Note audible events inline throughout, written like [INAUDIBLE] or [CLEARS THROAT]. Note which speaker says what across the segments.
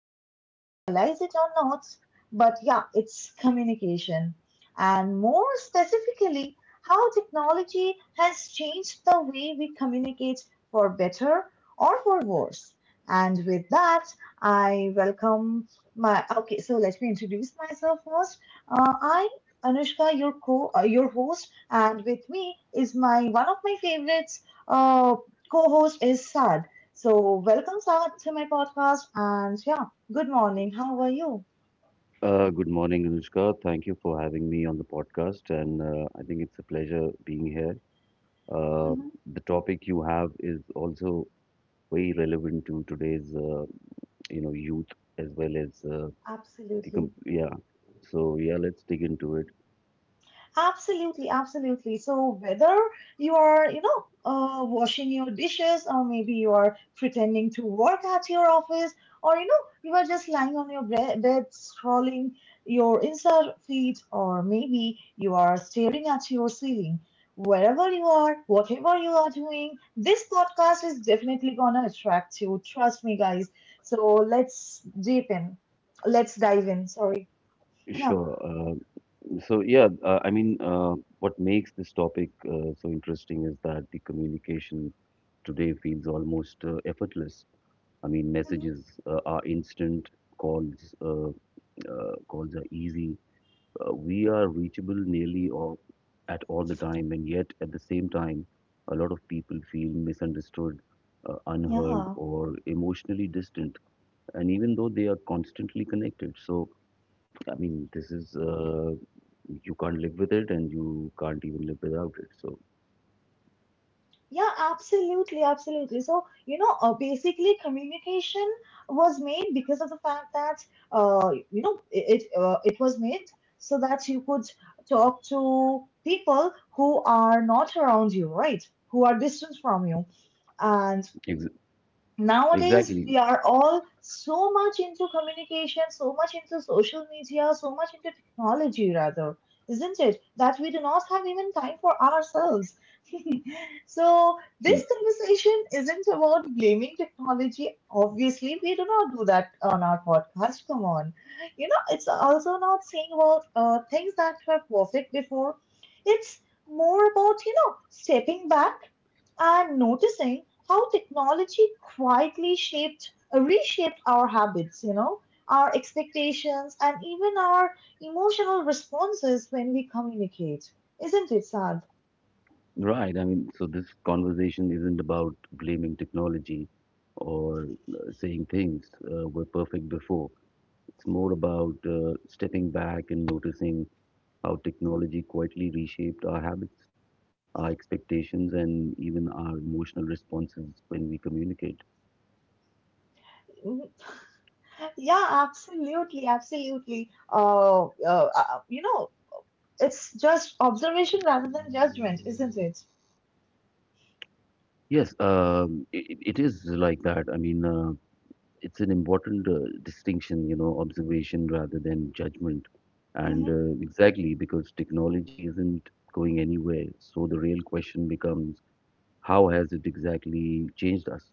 Speaker 1: whether we realize it or not. But yeah, it's communication, and more specifically, how technology has changed the way we communicate for better or for worse. And with that, I welcome my okay, so let me introduce myself first. I'm Anushka, your co your host, and with me is my one of my favorites. Uh, Co-host is Sad. So welcome Sad to my podcast, and yeah, good morning. How are you?
Speaker 2: Good morning, Anushka. Thank you for having me on the podcast, and I think it's a pleasure being here. Uh,
Speaker 1: Mhm.
Speaker 2: the topic you have is also very relevant to today's, youth as well as the com-
Speaker 1: Absolutely.
Speaker 2: yeah. So yeah, let's dig into it.
Speaker 1: Absolutely, absolutely. So whether you are, you know, washing your dishes, or maybe you are pretending to work at your office, or you know, you are just lying on your bed scrolling your Insta feed, or maybe you are staring at your ceiling. Wherever you are, whatever you are doing, this podcast is definitely gonna attract you. Trust me, guys. So let's deep in. Let's dive in. Sorry. Yeah.
Speaker 2: Sure. What makes this topic so interesting is that the communication today feels almost effortless. I mean,
Speaker 1: Mhm.
Speaker 2: messages are instant calls. Calls are easy. We are reachable nearly all, at all the time, and yet at the same time, a lot of people feel misunderstood, unheard,
Speaker 1: Yeah.
Speaker 2: or emotionally distant. And even though they are constantly connected, so this is you can't live with it, and you can't even live without it. So
Speaker 1: Yeah, absolutely, absolutely. So, you know, basically communication was made because of the fact that you know, it was made so that you could talk to people who are not around you, right? Who are distant from you. And
Speaker 2: ex-
Speaker 1: nowadays
Speaker 2: exactly.
Speaker 1: we are all so much into communication, so much into social media, so much into technology rather, isn't it? That we do not have even time for ourselves, so this
Speaker 2: Y-
Speaker 1: conversation isn't about blaming technology. Obviously, we do not do that on our podcast. Come on. You know, it's also not saying about things that were perfect before. It's more about, you know, stepping back and noticing how technology quietly reshaped our habits, you know, our expectations, and even our emotional responses when we communicate. Isn't it sad?
Speaker 2: Right. I mean, so this conversation isn't about blaming technology or saying things were perfect before. It's more about stepping back and noticing how technology quietly reshaped our habits, our expectations, and even our emotional responses when we communicate.
Speaker 1: Yeah, absolutely, absolutely. You know, it's just observation rather than judgment, isn't it?
Speaker 2: Yes, it is like that. It's an important distinction, you know, observation rather than judgment. And
Speaker 1: Hmm.
Speaker 2: exactly because technology isn't going anywhere, so the real question becomes, how has it exactly changed us?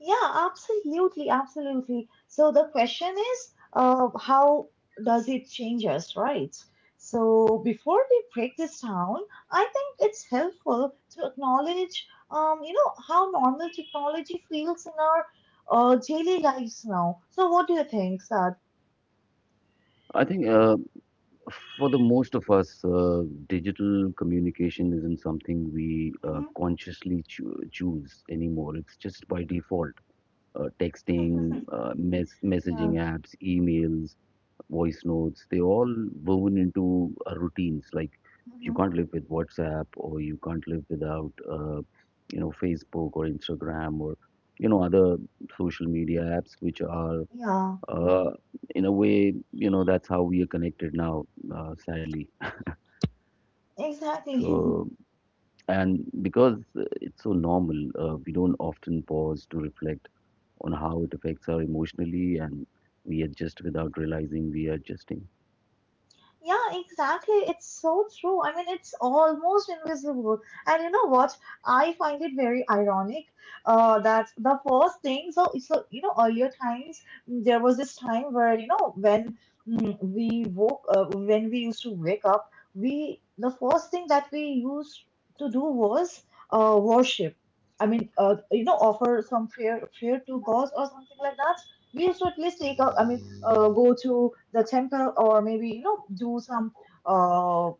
Speaker 1: Yeah, absolutely, absolutely. So the question is, how does it change us, right? So before we break this down, I think it's helpful to acknowledge, you know, how normal technology feels in our daily lives now. So what do you think, Sad?
Speaker 2: I think for the most of us, digital communication isn't something we
Speaker 1: Hmm.
Speaker 2: consciously choose anymore. It's just by default. Texting,
Speaker 1: [LAUGHS]
Speaker 2: messaging
Speaker 1: Yeah.
Speaker 2: apps, emails, voice notes, they all woven into our routines. Like you
Speaker 1: Hmm.
Speaker 2: can't live with WhatsApp or you can't live without, Facebook or Instagram or, you know, other social media apps, which are,
Speaker 1: Yeah.
Speaker 2: uh, in a way, you know, that's how we are connected now, sadly.
Speaker 1: Exactly. [LAUGHS]
Speaker 2: So, and because it's so normal, we don't often pause to reflect on how it affects our emotionally, and we adjust without realizing we are adjusting.
Speaker 1: Yeah, exactly. It's so true. I mean, it's almost invisible. And you know what? I find it very ironic that the first thing, you know, earlier times, there was this time where, you know, when we used to wake up, the first thing that we used to do was worship. I mean, you know, offer some prayer to God or something like that. We used to at least take out, I mean, go to the temple or maybe you know do some uh,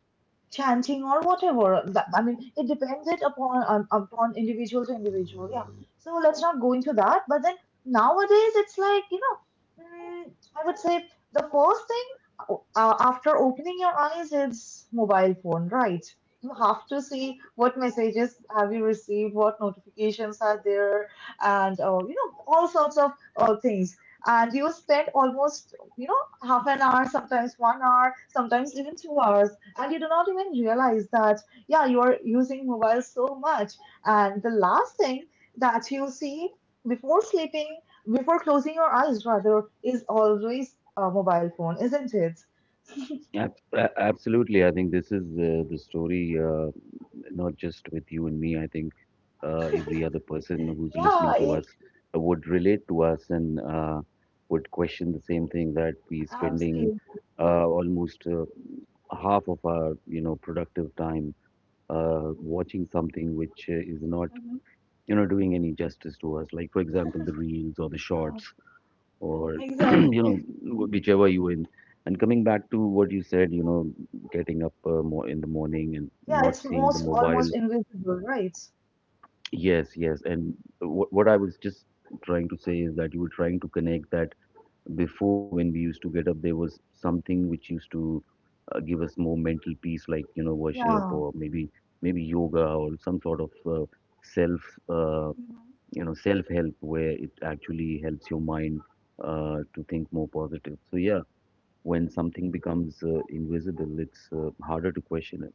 Speaker 1: chanting or whatever. That, I mean, it depends it upon upon individual to individual. Yeah. So let's not go into that. But then nowadays, it's like you know, I would say the first thing after opening your eyes is mobile phone, right? You have to see what messages have you received, what notifications are there, and you know all sorts of things. And you spend almost you know half an hour, sometimes 1 hour, sometimes even 2 hours, and you do not even realize that yeah, you are using mobile so much. And the last thing that you see before sleeping, before closing your eyes, rather, is always a mobile phone, isn't it?
Speaker 2: Absolutely, I think this is the story, not just with you and me. I think every other person who's listening
Speaker 1: Yeah,
Speaker 2: to us would relate to us and would question the same thing, that we spending
Speaker 1: absolutely.
Speaker 2: almost half of our, you know, productive time watching something which is not,
Speaker 1: Mhm.
Speaker 2: you know, doing any justice to us, like for example the reels or the
Speaker 1: Uh,
Speaker 2: shorts or [CLEARS THROAT] you know
Speaker 1: exactly.
Speaker 2: whichever you in. And coming back to what you said, you know, getting up more in the morning and
Speaker 1: Yeah,
Speaker 2: not
Speaker 1: it's
Speaker 2: seeing the
Speaker 1: most
Speaker 2: mobile.
Speaker 1: almost invisible, right?
Speaker 2: Yes. And what I was just trying to say is that you were trying to connect that before, when we used to get up, there was something which used to give us more mental peace, like, you know, worship or maybe yoga or some sort of self uh,
Speaker 1: Yeah.
Speaker 2: you know, self help, where it actually helps your mind to think more positive. So yeah, when something becomes invisible, it's harder to question it.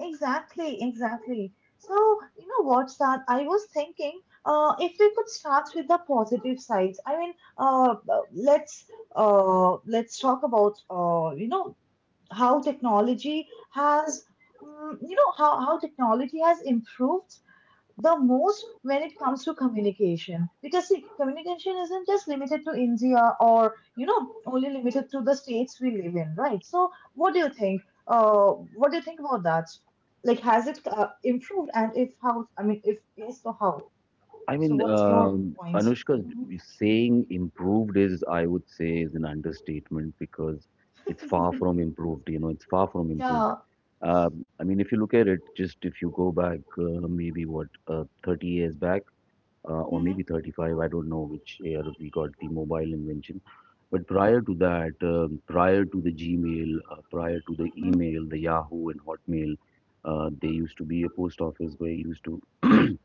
Speaker 1: Exactly, exactly. So, you know what, Sad? I was thinking, if we could start with the positive sides. I mean, uh, uh, let's let's talk about you know, how technology has, mm, you know, how technology has improved the most when it comes to communication because see communication isn't just limited to India or you know only limited to the states we live in, right? So what do you think? uh what do you think about that? Like, has it improved, and if how? I mean, if yes, so how? So what's your point?
Speaker 2: Anushka, saying improved is, I would say, is an understatement because it's far
Speaker 1: Mhm. [LAUGHS]
Speaker 2: from improved. You know, it's far from improved.
Speaker 1: Yeah.
Speaker 2: I mean, if you look at it, just if you go back, maybe what, 30 years back, or
Speaker 1: Mhm,
Speaker 2: maybe 35, I don't know which year we got the mobile invention. But prior to that, prior to the Gmail, prior to the
Speaker 1: mhm.
Speaker 2: email, the Yahoo and Hotmail, there used to be a post office where you used to [CLEARS THROAT]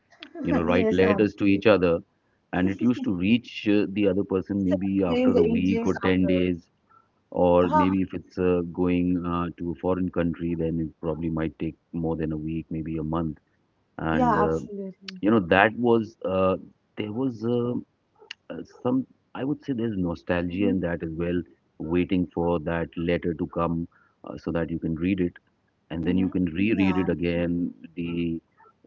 Speaker 2: you know,
Speaker 1: [LAUGHS]
Speaker 2: write
Speaker 1: Yes,
Speaker 2: letters to each
Speaker 1: absolutely.
Speaker 2: other, and it used to
Speaker 1: [LAUGHS]
Speaker 2: reach the other person maybe after
Speaker 1: days
Speaker 2: a
Speaker 1: eight
Speaker 2: week
Speaker 1: days
Speaker 2: or 10
Speaker 1: after.
Speaker 2: days, or
Speaker 1: Ah,
Speaker 2: maybe if it's going to a foreign country, then it probably might take more than a week, maybe a month. And
Speaker 1: yeah, absolutely.
Speaker 2: you know, that was there was some, I would say there's nostalgia
Speaker 1: Hmm.
Speaker 2: in that as well, waiting for that letter to come so that you can read it and then you
Speaker 1: Hmm.
Speaker 2: can reread it
Speaker 1: Yeah.
Speaker 2: again. The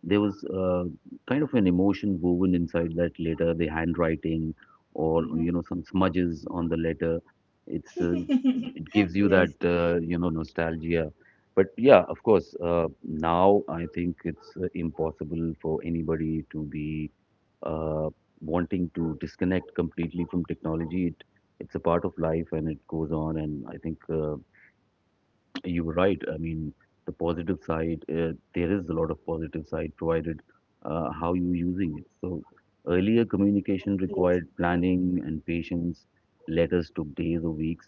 Speaker 2: there was kind of an emotion woven inside that letter, the handwriting, or
Speaker 1: Mm-hmm.
Speaker 2: you know, some smudges on the letter. It's uh,
Speaker 1: [LAUGHS]
Speaker 2: it gives you that
Speaker 1: Yes,
Speaker 2: you know, nostalgia. But yeah, of course, now I think it's impossible for anybody to be uh, wanting to disconnect completely from technology. It's a part of life and it goes on. And I think you're right. I mean, the positive side, there is a lot of positive side, provided how you're using it. So earlier communication
Speaker 1: absolutely.
Speaker 2: required planning and patience. Letters took days or weeks.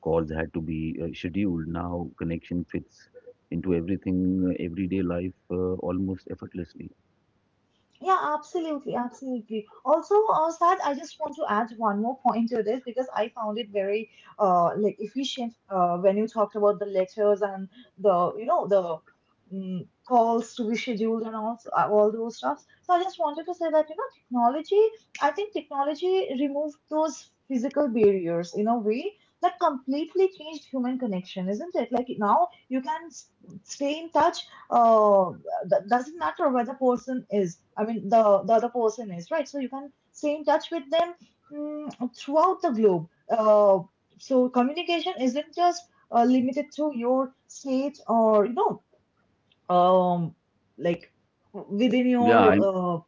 Speaker 2: Calls had to be scheduled. Now connection fits into everything, everyday life almost effortlessly.
Speaker 1: Yeah, absolutely, absolutely. Also, Saad, I just want to add one more point to this because I found it very like efficient when you talked about the letters and the you know the mm calls to be scheduled and all those stuffs. So I just wanted to say that you know technology. I think technology removed those physical barriers in a way that completely changed human connection, isn't it? Like, now you can stay in touch, uh, that doesn't matter where the person is. I mean, the other person is, right? So you can stay in touch with them, throughout the globe, uh, so communication isn't just limited to your state or you know, um like within
Speaker 2: Yeah, I
Speaker 1: uh,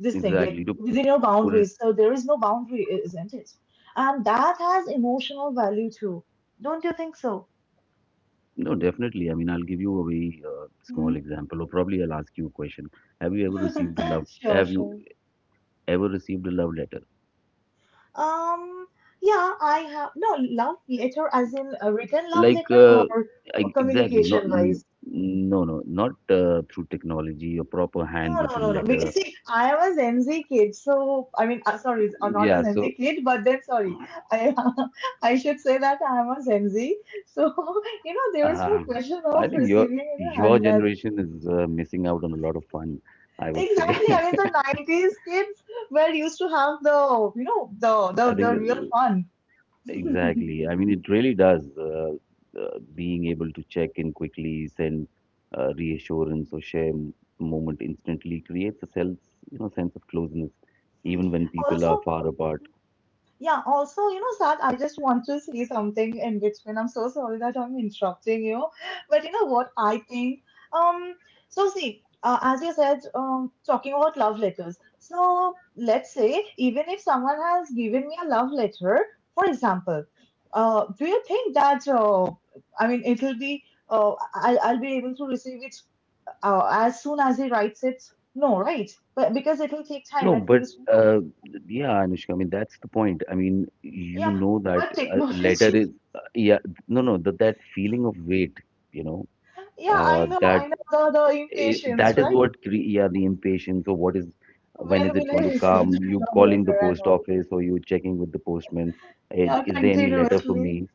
Speaker 1: this thing like
Speaker 2: Exactly, to
Speaker 1: your
Speaker 2: put it.
Speaker 1: boundaries, so there is no boundary, isn't it? And that has emotional value too. Don't you think so?
Speaker 2: No, definitely. I mean, I'll give you a very small example, or probably I'll ask you a question.
Speaker 1: Mhm. [LAUGHS] Sure,
Speaker 2: Have you
Speaker 1: sure.
Speaker 2: ever received a love letter?
Speaker 1: Um, yeah, I have no love letter as in a written love
Speaker 2: Like
Speaker 1: letter, or, or
Speaker 2: exactly, not
Speaker 1: communication
Speaker 2: n-
Speaker 1: wise.
Speaker 2: no, no, not through technology, a proper
Speaker 1: No, no,
Speaker 2: handwritten
Speaker 1: no, no.
Speaker 2: letter.
Speaker 1: Because see, I am a Gen Z kid, so I mean, sorry, I'm not a
Speaker 2: Yeah,
Speaker 1: Gen Z
Speaker 2: so
Speaker 1: kid, but then sorry, I [LAUGHS] I should say that I am a Gen Z. So [LAUGHS] you know, there is no
Speaker 2: uh,
Speaker 1: question
Speaker 2: I
Speaker 1: of
Speaker 2: think
Speaker 1: receiving in a
Speaker 2: your
Speaker 1: handlet.
Speaker 2: generation is missing out on a lot of fun, I would say.
Speaker 1: Exactly. I mean,
Speaker 2: [LAUGHS]
Speaker 1: the '90s kids were used to have the you know
Speaker 2: I think
Speaker 1: the
Speaker 2: that,
Speaker 1: real fun.
Speaker 2: exactly,
Speaker 1: [LAUGHS]
Speaker 2: I mean it really does being able to check in quickly, send reassurance or share moment instantly, creates a sense, you know, sense of closeness, even when people are
Speaker 1: Also.
Speaker 2: far apart.
Speaker 1: Yeah, also, you know, Sad, I just want to say something in between. I'm so sorry that I'm interrupting you. But you know what I think? Um, so see, as you said, talking about love letters. So let's say even if someone has given me a love letter, for example, do you think that I mean it'll be I'll be able to receive it as soon as he writes it? No, right? But because it'll take time
Speaker 2: No,
Speaker 1: at
Speaker 2: but
Speaker 1: least, no.
Speaker 2: uh, yeah, Anushka, I mean, that's the point. I mean, you
Speaker 1: Yeah,
Speaker 2: know that
Speaker 1: but [LAUGHS] technology.
Speaker 2: letter is, uh, yeah, no, that feeling of weight, you know,
Speaker 1: Yeah, I
Speaker 2: uh,
Speaker 1: know,
Speaker 2: that
Speaker 1: I know the
Speaker 2: eh,
Speaker 1: impatience,
Speaker 2: that is
Speaker 1: right?
Speaker 2: what cre yeah, the impatience, or what is, when
Speaker 1: When
Speaker 2: is it
Speaker 1: will
Speaker 2: going
Speaker 1: I
Speaker 2: to
Speaker 1: receive
Speaker 2: come?
Speaker 1: that
Speaker 2: You
Speaker 1: love
Speaker 2: calling the
Speaker 1: letter and
Speaker 2: post
Speaker 1: all?
Speaker 2: office or you checking with the postman,
Speaker 1: Yeah,
Speaker 2: is there any letter for
Speaker 1: continuously.
Speaker 2: me?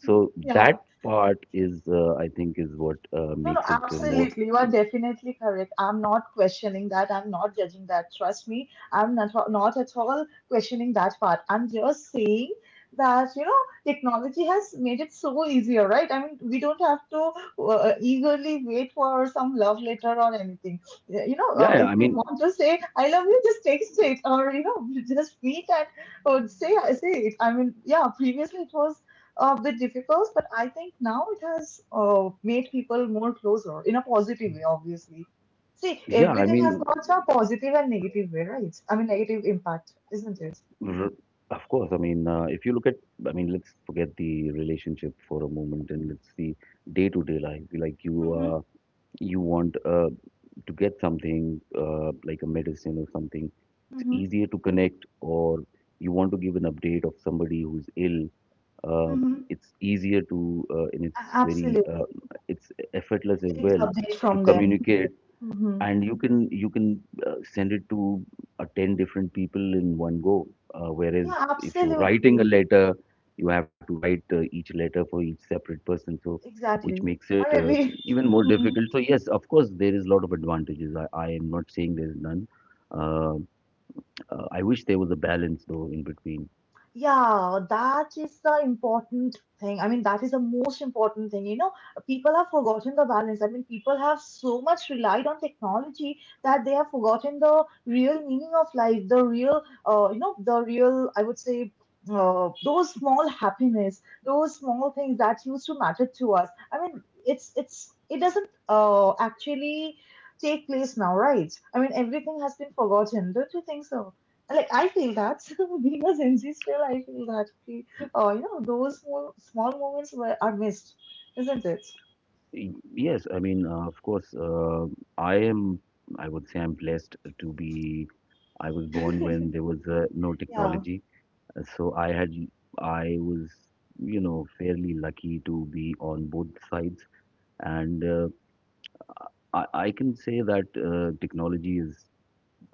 Speaker 2: So
Speaker 1: Yeah,
Speaker 2: that part is, I think, is what
Speaker 1: no, no,
Speaker 2: makes it more,
Speaker 1: absolutely. You are definitely correct. I'm not questioning that. I'm not judging that. Trust me, I'm not, not at all questioning that part. I'm just saying that, you know, technology has made it so easier, right? I mean, we don't have to eagerly wait for some love letter or anything. You know,
Speaker 2: yeah,
Speaker 1: if
Speaker 2: I
Speaker 1: we
Speaker 2: mean,
Speaker 1: want to say, I love you, just text it or, you know, [LAUGHS] just meet and say it. I mean, yeah, previously it was a bit difficult, but I think now it has made people more closer in a positive way, obviously. See,
Speaker 2: yeah, I
Speaker 1: everything has
Speaker 2: mean.
Speaker 1: got a positive and negative way, right? I mean, negative impact, isn't it?
Speaker 2: R- Of course, I mean, if you look at, I mean, let's forget the relationship for a moment and let's see day-to-day life. Like you,
Speaker 1: Mm-hmm,
Speaker 2: uh, you want to get something like a medicine or something. It's
Speaker 1: mm-hmm,
Speaker 2: easier to connect, or you want to give an update of somebody who's ill. Uh,
Speaker 1: mm-hmm.
Speaker 2: it's easier to, and it's very,
Speaker 1: Absolutely.
Speaker 2: it's effortless as
Speaker 1: Take the
Speaker 2: well
Speaker 1: update
Speaker 2: to, yes,
Speaker 1: from them.
Speaker 2: communicate.
Speaker 1: Mm-hmm.
Speaker 2: And you can send it to 10 different people in one go, whereas
Speaker 1: Yeah,
Speaker 2: if you're writing a
Speaker 1: absolutely.
Speaker 2: letter, you have to write each letter for each separate person, so which
Speaker 1: Exactly.
Speaker 2: makes
Speaker 1: Or
Speaker 2: it
Speaker 1: maybe. [LAUGHS]
Speaker 2: even more difficult. So yes, of course, there is a lot of advantages. I am not saying there is none. uh, I wish there was a balance though in between.
Speaker 1: Yeah, that is the important thing. I mean, that is the most important thing. You know, people have forgotten the balance. I mean, people have so much relied on technology that they have forgotten the real meaning of life, the real, you know, the real, I would say, those small happiness, those small things that used to matter to us. I mean, it doesn't actually take place now, right? I mean, everything has been forgotten. Don't you think so? Like, I feel that [LAUGHS] being a Gen Z still, I feel that you know, those small, small moments were are missed, isn't it?
Speaker 2: Y- yes, I mean, of course, I am, I would say, I'm blessed to be, I was
Speaker 1: [LAUGHS]
Speaker 2: born when there was no
Speaker 1: Yeah.
Speaker 2: technology. So I was, you know, fairly lucky to be on both sides. And I can say that technology is,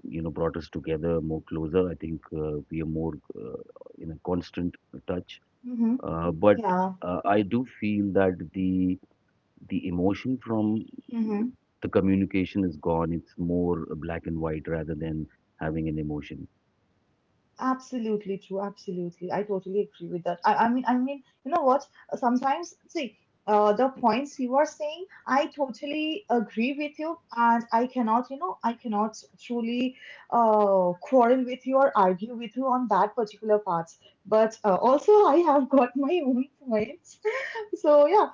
Speaker 2: you know, brought us together more closer. I think we are more in a constant touch,
Speaker 1: Mm-hmm.
Speaker 2: uh, but
Speaker 1: Yeah.
Speaker 2: uh, I do feel that the emotion from
Speaker 1: Mm-hmm.
Speaker 2: the communication is gone. It's more black and white rather than having an emotion.
Speaker 1: Absolutely true. Absolutely. I totally agree with that. I mean, you know what? Sometimes, see, the points you are saying, I totally agree with you, and I cannot truly quarrel with you or argue with you on that particular part. But also, I have got [LAUGHS] my own points. [LAUGHS] So yeah,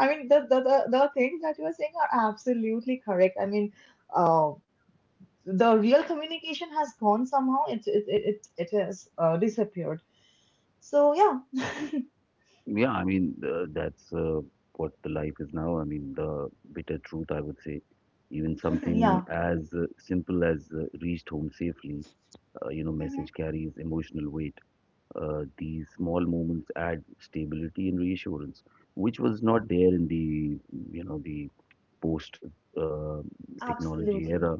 Speaker 1: I mean, the things that you are saying are absolutely correct. I mean, uh, the real communication has gone somehow. It has disappeared. So yeah,
Speaker 2: Yeah, I mean, that's what the life is now. I mean, the bitter truth, I would say. Even
Speaker 1: [LAUGHS]
Speaker 2: something
Speaker 1: yeah,
Speaker 2: as simple as reached home safely, you know,
Speaker 1: hmm
Speaker 2: message carries emotional weight. These small moments add stability and reassurance, which was not there in the, you know, the post uh, technology
Speaker 1: absolutely.
Speaker 2: era.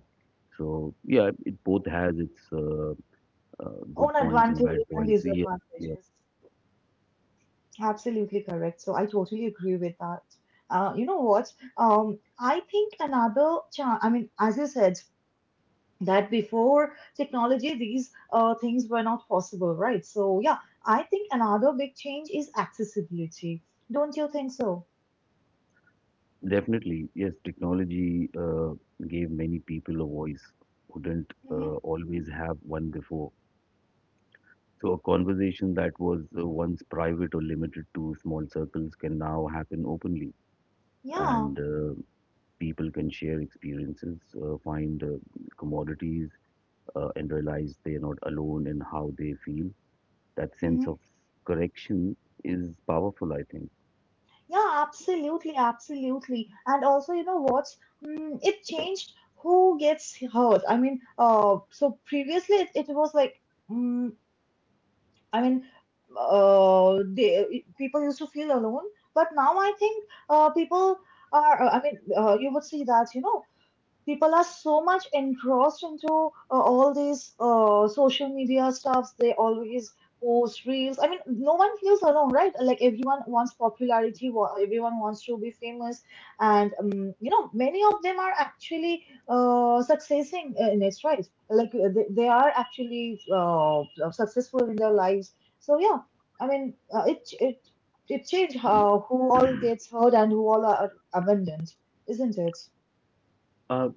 Speaker 2: So yeah, it both has its
Speaker 1: Own
Speaker 2: good points and
Speaker 1: advantages
Speaker 2: bad
Speaker 1: and
Speaker 2: points. Yeah, yeah.
Speaker 1: disadvantages. Absolutely correct. So I totally agree with that. You know what? I think another I mean, as you said, that before technology, these things were not possible, right? So yeah, I think another big change is accessibility. Don't you think so?
Speaker 2: Definitely, yes, technology gave many people a voice who didn't
Speaker 1: Hmm.
Speaker 2: always have one before. So a conversation that was once private or limited to small circles can now happen openly,
Speaker 1: Yeah.
Speaker 2: and people can share experiences, find commodities, and realize they are not alone in how they feel. That sense of correction is powerful, I think.
Speaker 1: Yeah, absolutely, absolutely. And also, you know what? It changed who gets hurt. I mean, so previously it was like, mm, I mean, people used to feel alone, but now I think people are, I mean, you would see that, people are so much engrossed into all these social media stuffs. They always post reels. I mean, no one feels alone, right? Like everyone wants popularity. Everyone wants to be famous, and many of them are actually succeeding in it, right? Like they are actually successful in their lives. So yeah, I mean, it changed how who all gets hurt and who all are abandoned, isn't it?
Speaker 2: Uh,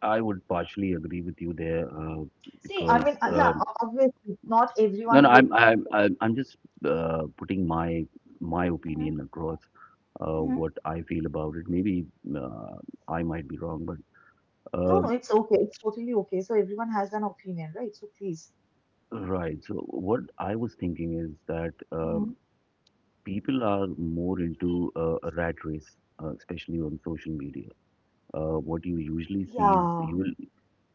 Speaker 2: I would partially agree with you there, uh,
Speaker 1: See, I mean,
Speaker 2: because.
Speaker 1: yeah,
Speaker 2: Um,
Speaker 1: obviously, not
Speaker 2: No, no,
Speaker 1: everyone would.
Speaker 2: I'm just putting my my
Speaker 1: Hmm.
Speaker 2: opinion across,
Speaker 1: Hmm.
Speaker 2: what I feel about it. Maybe uh, I might be wrong, but
Speaker 1: No, no,
Speaker 2: um
Speaker 1: it's okay. It's totally okay. So everyone has an opinion, right? So please.
Speaker 2: right. So what I was thinking is that
Speaker 1: Hmm.
Speaker 2: um people are more into a rat race, especially on social media. What you usually see is
Speaker 1: Yeah.
Speaker 2: you will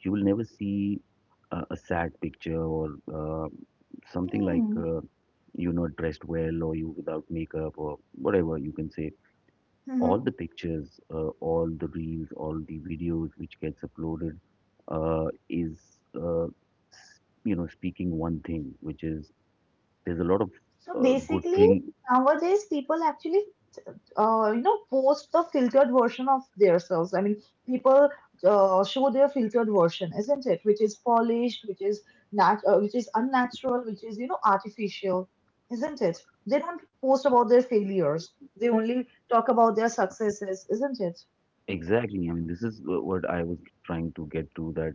Speaker 2: you will never see a sad picture or uh, something like you're not dressed well or you without makeup or whatever you can say
Speaker 1: Mm-hmm.
Speaker 2: all the pictures, all the reels, all the videos which gets uploaded uh, is uh, s- you know speaking one thing, which is there's a lot of
Speaker 1: So
Speaker 2: good
Speaker 1: basically,
Speaker 2: thing.
Speaker 1: nowadays people actually post the filtered version of themselves. I mean, people show their filtered version, isn't it? Which is polished, which is which is unnatural, which is artificial, isn't it? They don't post about their failures. They only talk about their successes, isn't it?
Speaker 2: Exactly. I mean, this is what I was trying to get to that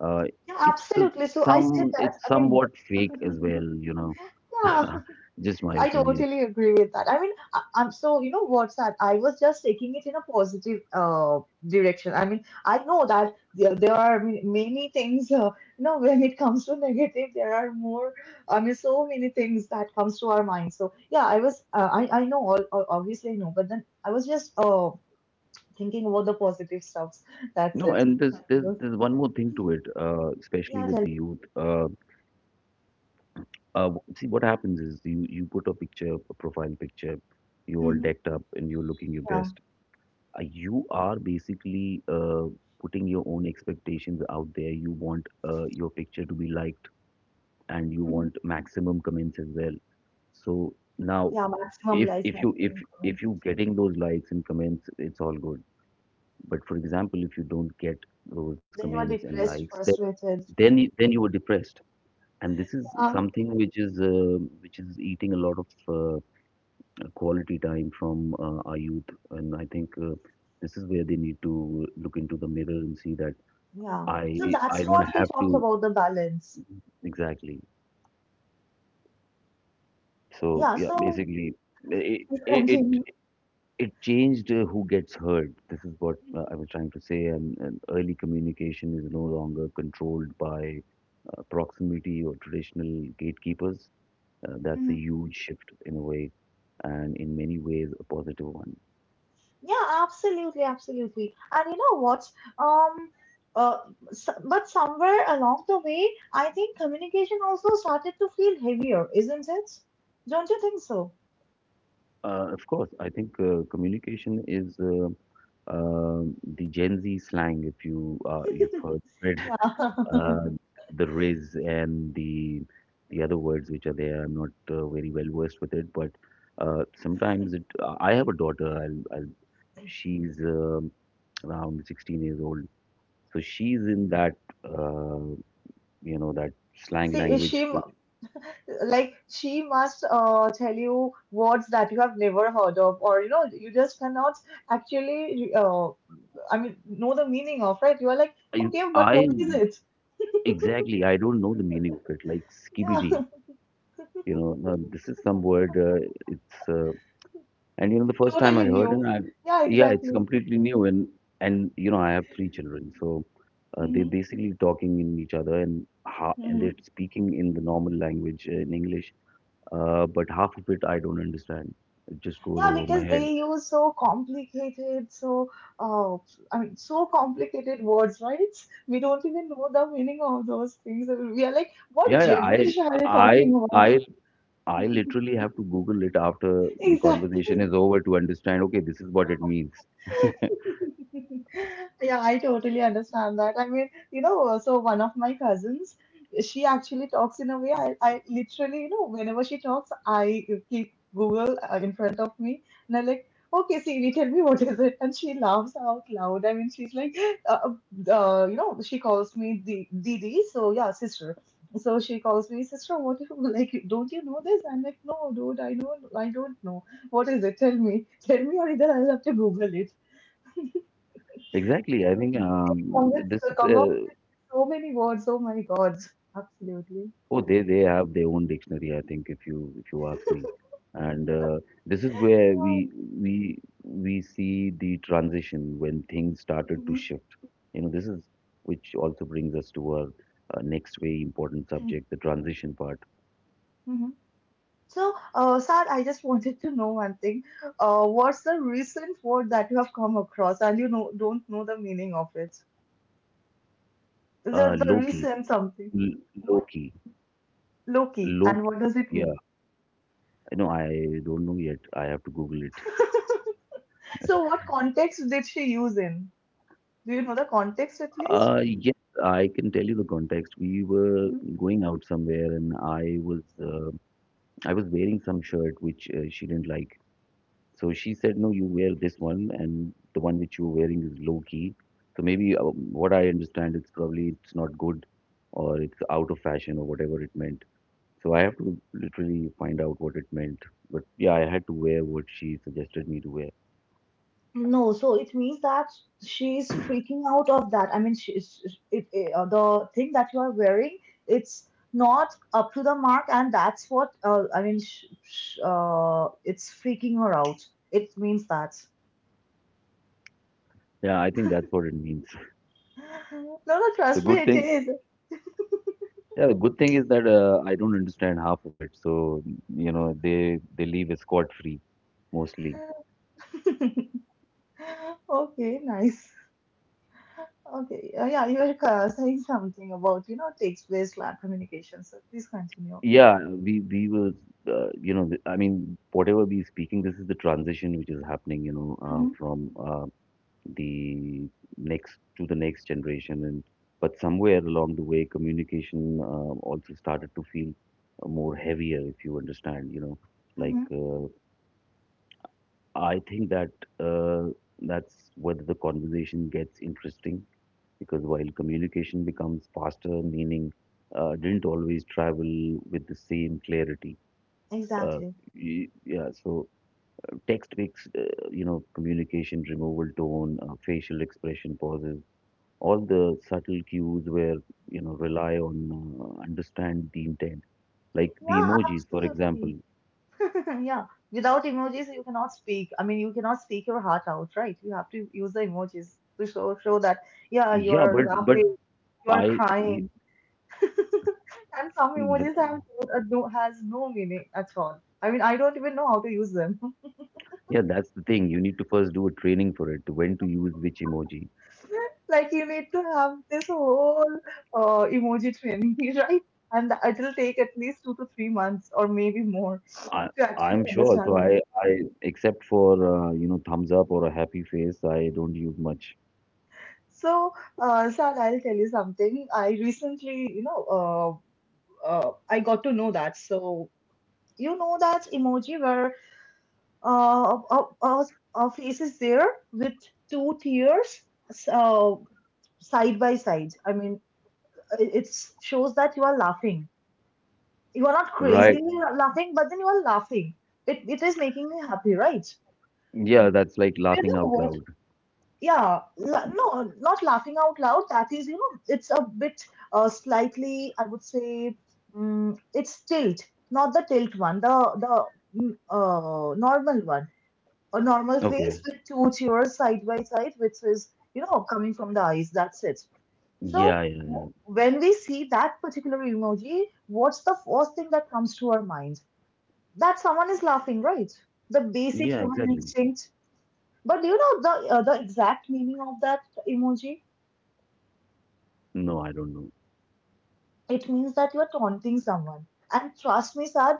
Speaker 2: uh,
Speaker 1: Yeah,
Speaker 2: it's
Speaker 1: absolutely. So I said
Speaker 2: some
Speaker 1: that.
Speaker 2: it's
Speaker 1: I mean,
Speaker 2: somewhat fake as well, you know.
Speaker 1: yeah,
Speaker 2: [LAUGHS] Just my
Speaker 1: I
Speaker 2: opinion.
Speaker 1: totally agree with that. I mean, I'm so you know what's that? I was just taking it in a positive direction. I mean, I know that there are many things. When it comes to [LAUGHS] negative, there are more. I mean, so many things that comes to our mind. So yeah, I was. I know all, obviously I know, but then I was just thinking about the positive stuffs. That's
Speaker 2: No,
Speaker 1: it.
Speaker 2: and there's
Speaker 1: Nothing
Speaker 2: there's
Speaker 1: else.
Speaker 2: there's one more thing to it, especially
Speaker 1: Yeah,
Speaker 2: with
Speaker 1: tell.
Speaker 2: the youth. Uh, See, what happens is you put a picture, a profile picture, you all
Speaker 1: Mhm.
Speaker 2: decked up and you're looking your
Speaker 1: Yeah.
Speaker 2: best. You are basically putting your own expectations out there. You want your picture to be liked, and you
Speaker 1: Mhm.
Speaker 2: want maximum comments as well. So now,
Speaker 1: Yeah, maximum
Speaker 2: if
Speaker 1: likes,
Speaker 2: if you if
Speaker 1: maximum
Speaker 2: if
Speaker 1: comments.
Speaker 2: you getting those likes and comments, it's all good. But for example, if you don't get those
Speaker 1: Then you are
Speaker 2: comments and
Speaker 1: depressed,
Speaker 2: likes, then
Speaker 1: frustrated.
Speaker 2: then you were depressed, and this is
Speaker 1: Yeah.
Speaker 2: something which is eating a lot of quality time from our youth. And I think this is where they need to look into the mirror and see that
Speaker 1: Yeah. So
Speaker 2: I
Speaker 1: that's
Speaker 2: don't
Speaker 1: what we
Speaker 2: have
Speaker 1: talked
Speaker 2: to
Speaker 1: about the balance.
Speaker 2: exactly. So
Speaker 1: Yeah.
Speaker 2: yeah,
Speaker 1: So
Speaker 2: basically it it it,
Speaker 1: continue.
Speaker 2: it changed who gets heard. This is what I was trying to say. And early communication is no longer controlled by proximity or traditional gatekeepers. That's a
Speaker 1: Mhm.
Speaker 2: huge shift in a way, and in many ways a positive one.
Speaker 1: Yeah, absolutely, absolutely. And you know what? Um, uh, s But somewhere along the way, I think communication also started to feel heavier, isn't it? Don't you think so?
Speaker 2: Of course, I think communication is uh, the Gen Z slang. If you've
Speaker 1: [LAUGHS]
Speaker 2: heard it,
Speaker 1: Yeah.
Speaker 2: [LAUGHS]
Speaker 1: [LAUGHS]
Speaker 2: uh, the riz and the other words which are there. I'm not very well versed with it, but sometimes it. I have a daughter. She's around 16 years old, so she's in that uh, you know that slang
Speaker 1: See,
Speaker 2: language.
Speaker 1: she.
Speaker 2: Which
Speaker 1: Like, she must tell you words that you have never heard of, or you just cannot actually I mean know the meaning of, right? You are like,
Speaker 2: I,
Speaker 1: okay, but
Speaker 2: I
Speaker 1: what is it?
Speaker 2: exactly I don't know the meaning of it. Like skibidi.
Speaker 1: Yeah.
Speaker 2: You know, now this is some word. It's And you know the
Speaker 1: [LAUGHS]
Speaker 2: first time I
Speaker 1: Totally
Speaker 2: heard it,
Speaker 1: new.
Speaker 2: I
Speaker 1: Yeah,
Speaker 2: yeah, it's
Speaker 1: exactly.
Speaker 2: completely new. And you know I have three children, so they're
Speaker 1: Hmm.
Speaker 2: basically talking in each other and
Speaker 1: Hmm.
Speaker 2: they're speaking in the normal language in English. But half of it I don't understand. It just goes
Speaker 1: Yeah,
Speaker 2: over my
Speaker 1: because
Speaker 2: head.
Speaker 1: they use so complicated, so uh, I mean, so complicated words, right? We don't even know the meaning of those things. We are like, what
Speaker 2: Yeah, I
Speaker 1: gibberish are they
Speaker 2: I
Speaker 1: talking
Speaker 2: I I literally have to Google it after the
Speaker 1: about? [LAUGHS]
Speaker 2: conversation is over to understand. Okay, this is what it means.
Speaker 1: Yeah, I totally understand that. I mean, so one of my cousins, she actually talks in a way. I literally, whenever she talks, I keep Google in front of me, and I'm like, okay, Siri, tell me, what is it? And she laughs out loud. I mean, she's like, uh, she calls me the Didi. So, yeah, sister. So she calls me, sister, what, [LAUGHS] like, don't you know this? I'm like, no, dude, I don't know. What is it? Tell me. Tell me, or either I'll have to Google it.
Speaker 2: Exactly. I think
Speaker 1: Come with
Speaker 2: this
Speaker 1: so
Speaker 2: is.
Speaker 1: come up So many words. Oh my God. Absolutely.
Speaker 2: Oh, they have their own dictionary, I think, if you ask me. And this is where we see the transition when things started to
Speaker 1: Mhm.
Speaker 2: shift. You know, this is which also brings us to our next very important subject, the transition part.
Speaker 1: Mhm. So, Sad, I just wanted to know one thing. What's the recent word that you have come across and don't know the meaning of it? The
Speaker 2: Loki,
Speaker 1: recent something.
Speaker 2: L
Speaker 1: What?
Speaker 2: Loki,
Speaker 1: Loki, and
Speaker 2: Loki.
Speaker 1: what does it
Speaker 2: Yeah,
Speaker 1: mean?
Speaker 2: no, I don't know yet. I have to Google it.
Speaker 1: So, what context did she use in? Do you know the context at least?
Speaker 2: Yes, I can tell you the context. We were going out somewhere, and I was wearing some shirt which she didn't like. So she said, "No, you wear this one, and the one which you're wearing is low key." So maybe what I understand, it's probably it's not good, or it's out of fashion, or whatever it meant. So I have to literally find out what it meant. But yeah, I had to wear what she suggested me to wear.
Speaker 1: No, so it means that she's freaking out of that. I mean, she's the thing that you are wearing, it's not up to the mark, and that's what, I mean. Sh sh It's freaking her out. It means that.
Speaker 2: Yeah, I think that's what it means. [LAUGHS]
Speaker 1: No, no,
Speaker 2: So
Speaker 1: trust me,
Speaker 2: good
Speaker 1: it
Speaker 2: thing.
Speaker 1: is.
Speaker 2: Yeah, the good thing is that I don't understand half of it. So you know, they leave escort free mostly.
Speaker 1: [LAUGHS] Okay, nice. Okay, yeah, you were saying something about text-based lab communication. So please continue.
Speaker 2: Yeah, we will, you know, I mean, whatever we're speaking, this is the transition which is happening, you know,
Speaker 1: Mm-hmm.
Speaker 2: from the next to the next generation, and but somewhere along the way, communication also started to feel more heavier, if you understand, you know, like
Speaker 1: Mm-hmm.
Speaker 2: I think that uh, that's whether the conversation gets interesting because while communication becomes faster, meaning didn't always travel with the same clarity. uh,
Speaker 1: Exactly.
Speaker 2: yeah, so text makes you know communication removal tone, facial expression, pauses, all the subtle cues where you know rely on understand the intent, like the
Speaker 1: Yeah,
Speaker 2: emojis for example.
Speaker 1: absolutely. [LAUGHS] Yeah. Without emojis, you cannot speak. I mean, you cannot speak your heart out, right? You have to use the emojis to show that, yeah, you
Speaker 2: Yeah
Speaker 1: are
Speaker 2: but
Speaker 1: laughing, you are
Speaker 2: i y-
Speaker 1: crying. [LAUGHS] And some emojis have
Speaker 2: but-
Speaker 1: no meaning at all. I mean, I don't even know how to use them. [LAUGHS]
Speaker 2: yeah, that's the thing, you need to first do a training for it when to use which emoji.
Speaker 1: Like, you need to have this whole emoji training, [LAUGHS] right? And it will take at least 2 to 3 months or maybe more
Speaker 2: i
Speaker 1: to actually
Speaker 2: i'm sure,
Speaker 1: understand.
Speaker 2: so I except for you know thumbs up or a happy face I don't use much.
Speaker 1: So, Sal, I'll tell you something. I recently, I got to know that. So, you know that emoji where uh, a, a, a face is there with two tears uh, side by side. I mean, it shows that you are laughing. You are not
Speaker 2: Right,
Speaker 1: crazily laughing, but then you are laughing. It is making me happy, right?
Speaker 2: yeah, that's like
Speaker 1: You
Speaker 2: laughing
Speaker 1: know
Speaker 2: out
Speaker 1: what?
Speaker 2: loud.
Speaker 1: Yeah, no, not laughing out loud. That is, you know, it's a bit slightly, I would say. It's tilt. Not the tilt one. The the mm, uh, normal one. A normal
Speaker 2: Okay.
Speaker 1: face with two tears side by side, which is, you know, coming from the eyes. That's it. So,
Speaker 2: Yeah.
Speaker 1: w- when we see that particular emoji, what's the first thing that comes to our mind? That someone is laughing, right? The
Speaker 2: Yeah,
Speaker 1: basic human
Speaker 2: exactly.
Speaker 1: instinct. But do you know the exact meaning of that emoji?
Speaker 2: No, I don't know.
Speaker 1: It means that you are taunting someone. And trust me, Sad,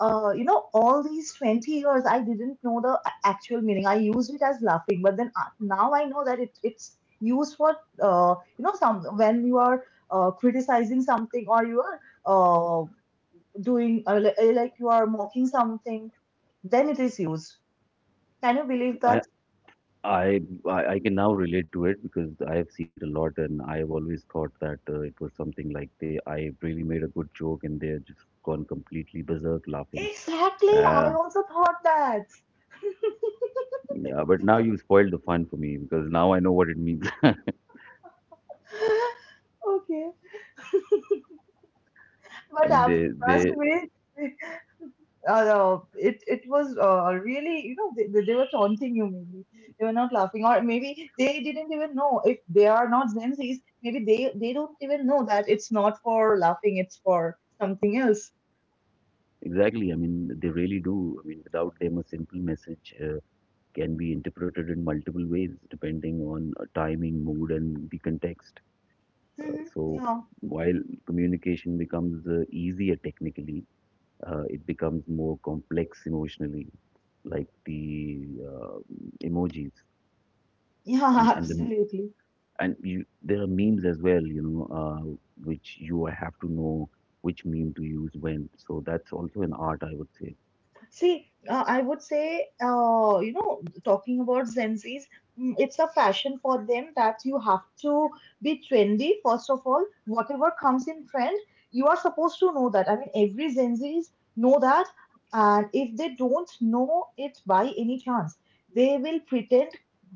Speaker 1: all these 20 years, I didn't know the actual meaning. I used it as laughing, but then now I know that it's used for, some, when you are criticizing something, or you are uh, like you are mocking something, then it is used. Can you believe
Speaker 2: I,
Speaker 1: that?
Speaker 2: I, I can now relate to it because I have seen it a lot, and I've always thought that it was something like they, I really made a good joke, and they're just gone completely berserk laughing.
Speaker 1: Exactly,
Speaker 2: Uh,
Speaker 1: I also thought that. [LAUGHS]
Speaker 2: yeah, but now you spoiled the fun for me because now I know what it means. [LAUGHS] I
Speaker 1: Okay. But
Speaker 2: mean,
Speaker 1: trust
Speaker 2: they
Speaker 1: me, [LAUGHS] it was really, they were taunting you, maybe they were not laughing, or maybe they didn't even know. If they are not Zenzi's, maybe they don't even know that it's not for laughing, it's for something else.
Speaker 2: exactly. I mean, they really do. I mean, without them, a simple message can be interpreted in multiple ways depending on timing, mood, and the context.
Speaker 1: Mhm.
Speaker 2: So
Speaker 1: Yeah,
Speaker 2: while communication becomes easier technically, it becomes more complex emotionally, like the emojis.
Speaker 1: yeah, [LAUGHS]
Speaker 2: And the
Speaker 1: absolutely.
Speaker 2: and you, there are memes as well, you know, which you have to know which meme to use when. So that's also an art, I would say.
Speaker 1: See, I would say, talking about Gen Zs, it's a fashion for them that you have to be trendy. First of all, whatever comes in trend, you are supposed to know that. I mean, every Gen Zs know that, and if they don't know it by any chance, they will pretend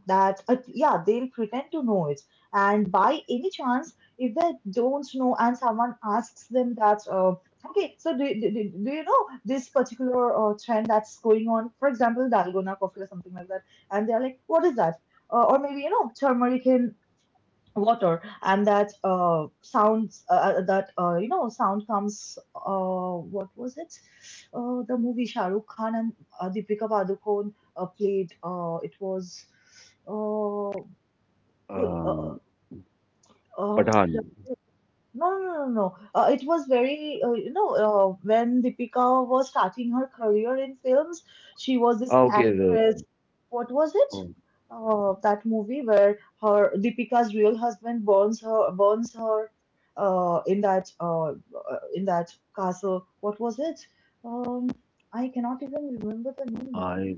Speaker 1: that, yeah, they'll pretend to know it. And by any chance, if they don't know and someone asks them that, okay, so do you know this particular trend that's going on? For example, dalgona coffee or something like that, and they're like, "What is that?" Or maybe, turmeric in water, and that sounds, that sound comes. What was it? The movie Shah Rukh Khan and Deepika Padukone played. It was uh, good.
Speaker 2: Um,
Speaker 1: Uh,
Speaker 2: Pathan.
Speaker 1: no, no, no, no. No. It was very, when Deepika was starting her career in films, she was this
Speaker 2: Ah, okay. The,
Speaker 1: actress. What was it?
Speaker 2: oh,
Speaker 1: That movie where her Deepika's real husband burns her, in that castle. What was it? Um, I cannot even remember the name now.
Speaker 2: I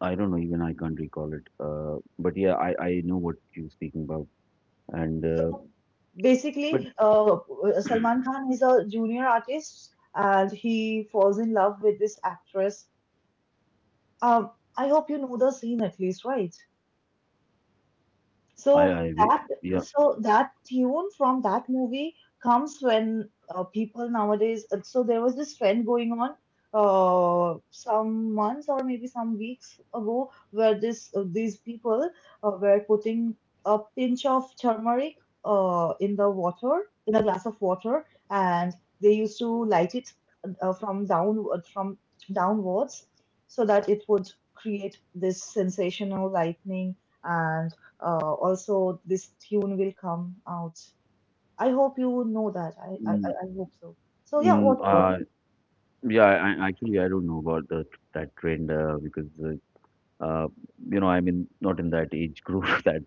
Speaker 2: I don't know, even I can't recall it. But yeah, I know what you're speaking about, and
Speaker 1: So basically,
Speaker 2: but
Speaker 1: Salman Khan is a junior artist, and he falls in love with this actress. Um, I hope you know the scene at least, right? So
Speaker 2: I re-
Speaker 1: that
Speaker 2: yeah.
Speaker 1: so that tune from that movie comes when people nowadays. So there was this trend going on some months or maybe some weeks ago, where this these people were putting a pinch of turmeric in the water, in a glass of water, and they used to light it from downwards, so that it would create this sensational lightning, and also, this tune will come out. I hope you know that.
Speaker 2: Mm,
Speaker 1: I hope so. So yeah,
Speaker 2: mm,
Speaker 1: whatever.
Speaker 2: uh, yeah, actually, I don't know about that trend uh, you know, I'm in, not in that age group [LAUGHS] that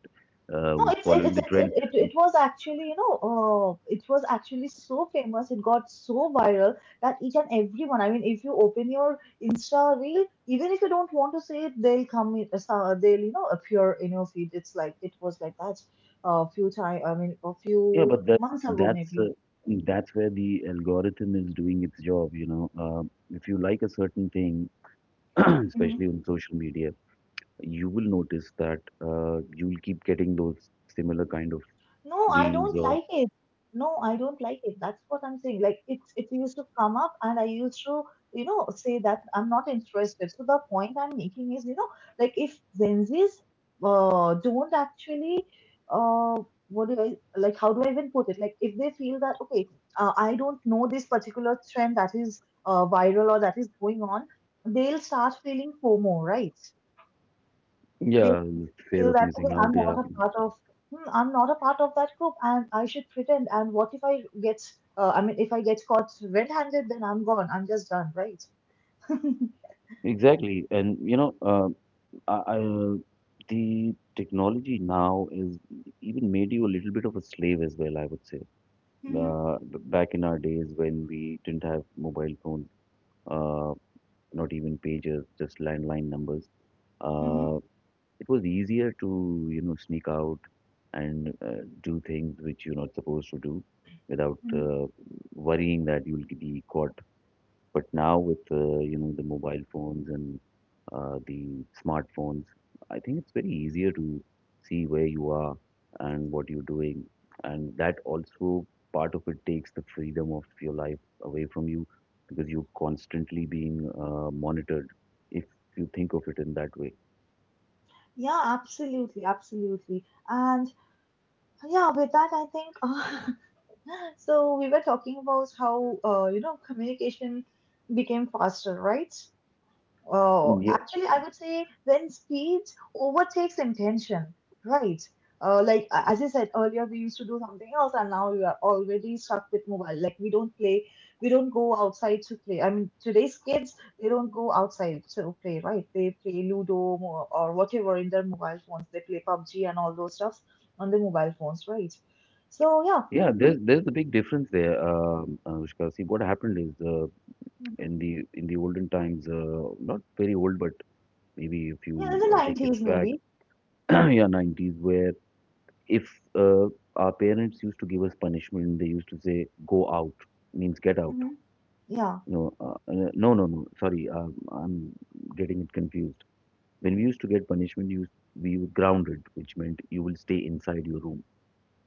Speaker 1: No,
Speaker 2: who's following the
Speaker 1: it's it,
Speaker 2: trend.
Speaker 1: it it was actually, it was actually so famous. It got so viral that each and everyone. I mean, if you open your Insta reel, even if you don't want to see it, they'll come. They'll, appear in your feed. It's like it was like that a few time. I mean, a
Speaker 2: Yeah,
Speaker 1: few
Speaker 2: but
Speaker 1: months ago
Speaker 2: that's
Speaker 1: maybe.
Speaker 2: uh, that's where the algorithm is doing its job. You know, if you like a certain thing, [CLEARS THROAT]
Speaker 1: Mm-hmm.
Speaker 2: especially on social media, you will notice that you will keep getting those similar kind of
Speaker 1: No, I
Speaker 2: reels
Speaker 1: don't
Speaker 2: or
Speaker 1: like it. No, I don't like it. That's what I'm saying. Like it used to come up, and I used to, say that I'm not interested. So the point I'm making is, like if Gen Zs don't actually, uh, what do I like? How do I even put it? Like if they feel that okay, I don't know this particular trend that is viral or that is going on, they'll start feeling FOMO, right? They
Speaker 2: yeah, fear
Speaker 1: feel
Speaker 2: of
Speaker 1: that, okay,
Speaker 2: missing out.
Speaker 1: I'm
Speaker 2: Yeah,
Speaker 1: not a part of, hmm, I'm not a part of that group and I should pretend. And what if I get, I mean, if I get caught red-handed, then I'm gone. I'm just done, right? [LAUGHS]
Speaker 2: exactly. And you know. Uh, uh, the technology now is even made you a little bit of a slave as well, I would say.
Speaker 1: Mm-hmm.
Speaker 2: Back in our days when we didn't have mobile phones, uh, not even pagers, just landline numbers,
Speaker 1: Mm-hmm.
Speaker 2: uh, it was easier to, you know, sneak out and do things which you're not supposed to do without
Speaker 1: Mm-hmm.
Speaker 2: worrying that you'll be caught. But now with you know the mobile phones and the smartphones, I think it's very easier to see where you are and what you're doing, and that also part of it takes the freedom of your life away from you because you're constantly being monitored. If you think of it in that way.
Speaker 1: Yeah, absolutely, absolutely. And yeah, with that, I think [LAUGHS] so we were talking about how communication became faster, right? Oh,
Speaker 2: Yeah,
Speaker 1: actually, I would say when speed overtakes intention, right? Like as I said earlier, we used to do something else, and now we are already stuck with mobile. Like we don't play, we don't go outside to play. I mean, today's kids they don't go outside to play, right? They play or whatever in their mobile phones. They play PUBG and all those stuffs on the mobile phones, right? So yeah.
Speaker 2: yeah.
Speaker 1: Mm,
Speaker 2: There's a big difference there, Anushka. See, what happened is
Speaker 1: mhm.
Speaker 2: in the olden times, not very old, but maybe a
Speaker 1: Yeah,
Speaker 2: few
Speaker 1: in the
Speaker 2: decades
Speaker 1: nineties
Speaker 2: back,
Speaker 1: maybe.
Speaker 2: [CLEARS THROAT] yeah, 90s, where if uh, our parents used to give us punishment, they used to say, go out, means get out.
Speaker 1: Hmm. Yeah.
Speaker 2: No, no, no, no, sorry, I'm getting it confused. When we used to get punishment, you, we were grounded, which meant you will stay inside your room.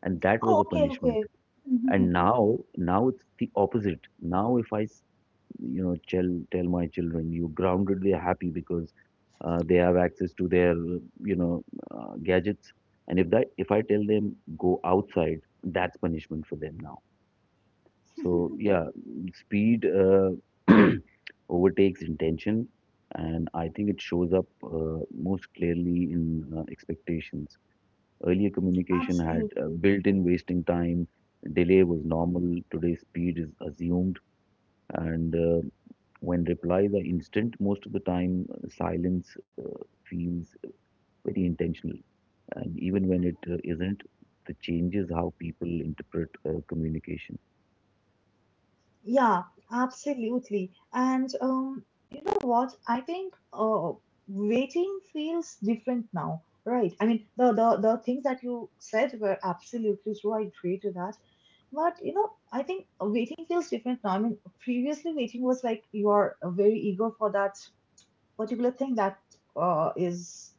Speaker 2: And that
Speaker 1: Oh,
Speaker 2: was a
Speaker 1: okay,
Speaker 2: punishment.
Speaker 1: okay. [LAUGHS]
Speaker 2: And now, now it's the opposite. Now, if I you know tell my children you grounded, they're happy because they have access to their you know gadgets. And if I tell them go outside, that's punishment for them now. So yeah, speed [CLEARS THROAT] overtakes intention, and I think it shows up most clearly in expectations. Earlier communication had
Speaker 1: Absolutely.
Speaker 2: built in wasting time. Delay was normal, today speed is assumed. And when replies are instant, most of the time silence feels very intentional. And even when it isn't, it changes how people interpret communication.
Speaker 1: Yeah, absolutely. And you know what? I think waiting feels different now, right? I mean, the things that you said were absolutely true. I agree to that. But you know, I think waiting feels different now. I mean, previously waiting was like you are very eager for that particular thing that is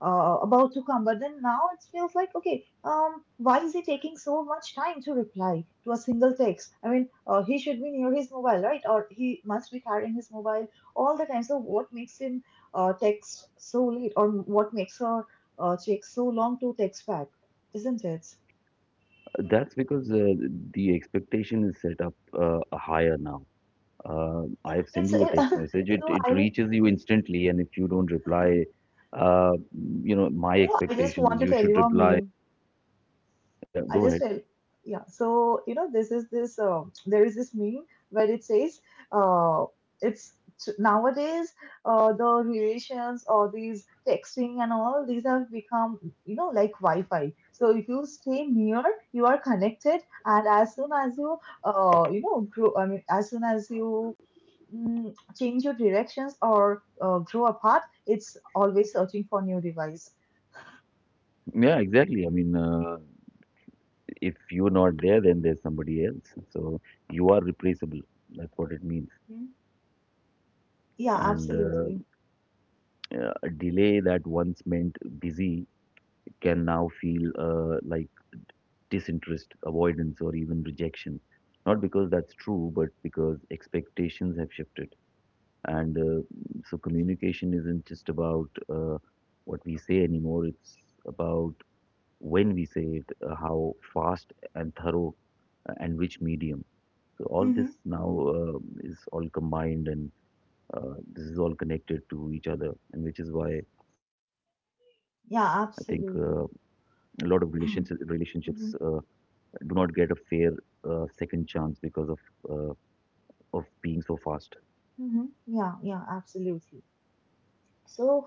Speaker 1: about to come. But then now it feels like, okay, why is he taking so much time to reply to a single text? I mean, he should be near his mobile, right? Or he must be carrying his mobile all the time. So what makes him text so late, or what makes her take so long to text back, isn't it?
Speaker 2: That's because the expectation is set up higher now.
Speaker 1: Yeah,
Speaker 2: I have sent
Speaker 1: it's
Speaker 2: you a
Speaker 1: it,
Speaker 2: text message.
Speaker 1: [LAUGHS]
Speaker 2: It
Speaker 1: so
Speaker 2: it
Speaker 1: I,
Speaker 2: reaches you
Speaker 1: you
Speaker 2: instantly, and if you don't reply, uh, you know my
Speaker 1: know, I just
Speaker 2: expectation
Speaker 1: want
Speaker 2: is
Speaker 1: to
Speaker 2: you
Speaker 1: tell
Speaker 2: should
Speaker 1: you a
Speaker 2: reply.
Speaker 1: meme.
Speaker 2: Yeah,
Speaker 1: I
Speaker 2: go ahead.
Speaker 1: just felt, yeah. So, you know, there is this meme where it says, uh, it's nowadays, the relations or these texting and all these have become, like Wi Fi. So, if you stay near, you are connected. And as soon as you, grow, I mean, as soon as you, change your directions or grow apart, it's always searching for new device.
Speaker 2: Yeah, exactly. I mean. If you're not there, then there's somebody else. So you are replaceable. That's what it means.
Speaker 1: [LAUGHS] Hmm? Yeah,
Speaker 2: And
Speaker 1: absolutely.
Speaker 2: a delay that once meant busy can now feel like disinterest, avoidance, or even rejection. Not because that's true, but because expectations have shifted. And so communication isn't just about what we say anymore, it's about when we say it, how fast and thorough, and which medium. So all
Speaker 1: Mm-hmm.
Speaker 2: this now uh, is all combined and this is all connected to each other, and which is why I think
Speaker 1: Yeah,
Speaker 2: a lot of
Speaker 1: absolutely.
Speaker 2: relationships
Speaker 1: [CLEARS THROAT] Mm-hmm.
Speaker 2: do not get a fair second chance because uh, of being so fast.
Speaker 1: Mm-hmm. Yeah, yeah, absolutely. So,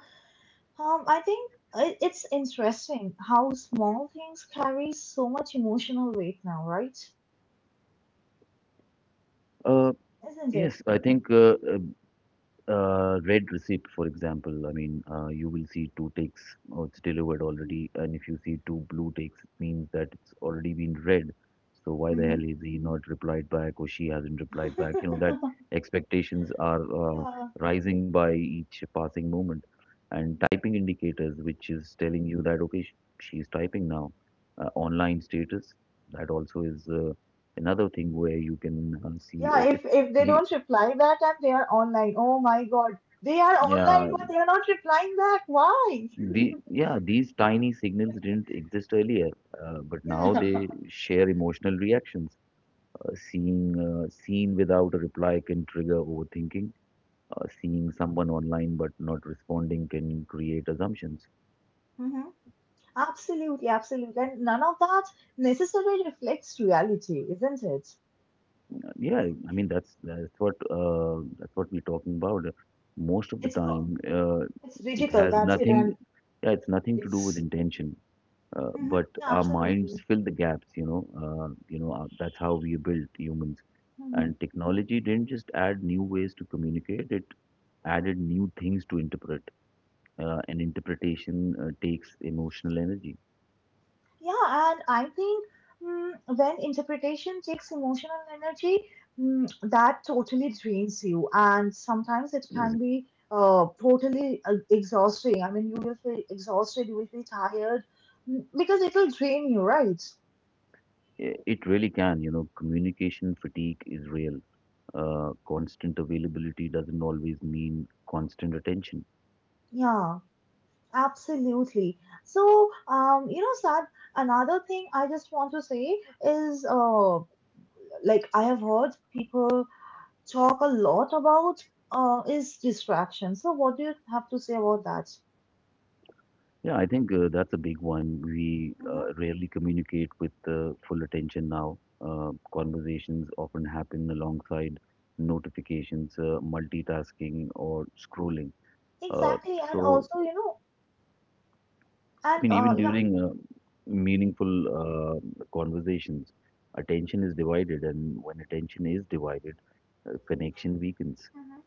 Speaker 1: I think it's interesting how small things carry so much emotional weight now, right?
Speaker 2: Uh,
Speaker 1: Isn't
Speaker 2: yes,
Speaker 1: it?
Speaker 2: I think red receipt, for example, I mean, you will see two ticks, or it's delivered already. And if you see two blue ticks, it means that it's already been read. So why the
Speaker 1: Mm-hmm.
Speaker 2: hell is he not replied back or she hasn't replied back? You know, that
Speaker 1: [LAUGHS]
Speaker 2: expectations are
Speaker 1: Yeah.
Speaker 2: rising by each passing moment. And typing indicators, which is telling you that, okay, she's typing now. Online status, that also is another thing where you can see,
Speaker 1: Yeah,
Speaker 2: oh,
Speaker 1: if
Speaker 2: it,
Speaker 1: if they
Speaker 2: he,
Speaker 1: don't reply back and they are online, oh my God, they are
Speaker 2: yeah
Speaker 1: online, but they are not replying back. Why? [LAUGHS]
Speaker 2: These tiny signals didn't exist earlier, but now
Speaker 1: Yeah.
Speaker 2: they share emotional reactions. Seeing Seen without a reply can trigger overthinking. Seeing someone online but not responding can create assumptions.
Speaker 1: Mm-hmm. Absolutely, absolutely. And none of that necessarily reflects reality, isn't it?
Speaker 2: Yeah, I mean that's what that's what we're talking about. Most of the
Speaker 1: It's uh,
Speaker 2: time,
Speaker 1: it's
Speaker 2: it
Speaker 1: digital,
Speaker 2: has
Speaker 1: that's it,
Speaker 2: nothing.
Speaker 1: and
Speaker 2: Yeah, it's nothing to do with
Speaker 1: it's.
Speaker 2: intention.
Speaker 1: Mhm,
Speaker 2: But
Speaker 1: yeah,
Speaker 2: our minds
Speaker 1: absolutely.
Speaker 2: fill the gaps, you know. That's how we are built humans.
Speaker 1: Hmm.
Speaker 2: And technology didn't just add new ways to communicate, it added new things to interpret. And interpretation takes emotional energy.
Speaker 1: Yeah, and I think, when interpretation takes emotional energy, that totally drains you, and sometimes it
Speaker 2: Yes.
Speaker 1: can be totally exhausting. I mean, you will feel exhausted, you will feel tired, because it will drain you, right?
Speaker 2: It really can, you know, communication fatigue is real. Constant availability doesn't always mean constant attention.
Speaker 1: Yeah. Absolutely. So, Sad, another thing I just want to say is like I have heard people talk a lot about is distraction. So, what do you have to say about that?
Speaker 2: Yeah, I think that's a big one. We
Speaker 1: Mm-hmm.
Speaker 2: rarely communicate with full attention now. Uh, Conversations often happen alongside notifications, multitasking, or scrolling. Uh,
Speaker 1: Exactly. And
Speaker 2: so,
Speaker 1: also, you know,
Speaker 2: I
Speaker 1: and
Speaker 2: mean, even
Speaker 1: yeah.
Speaker 2: during meaningful conversations, attention is divided, and when attention is divided, connection weakens.
Speaker 1: Mm-hmm.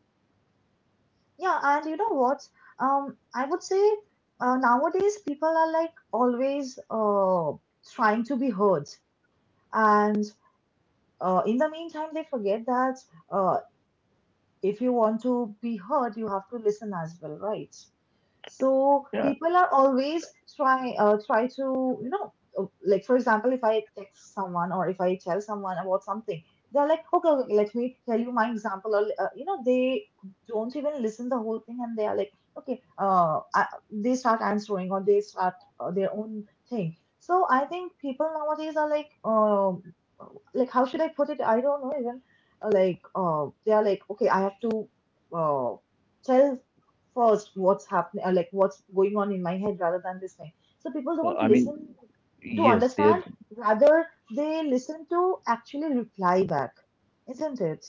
Speaker 1: Yeah, and you know what? I would say nowadays people are like always trying to be heard. And in the meantime, they forget that, uh. if you want to be heard, you have to listen as well, right? So
Speaker 2: Yeah,
Speaker 1: people are always try to, like, for example, if I text someone or if I tell someone about something, they're like, okay, okay, let me tell you my example, or, they don't even listen the whole thing and they are like, okay, they start answering, or they start their own thing. So I think people nowadays are like, like, how should I put it? I don't know even, like, they are like, okay, I have to, uh tell first what's happening, or like, what's going on in my head, rather than listening. So people
Speaker 2: so,
Speaker 1: don't
Speaker 2: I mean,
Speaker 1: listen to
Speaker 2: yes, they're,
Speaker 1: understand, rather they listen to actually reply back, isn't it?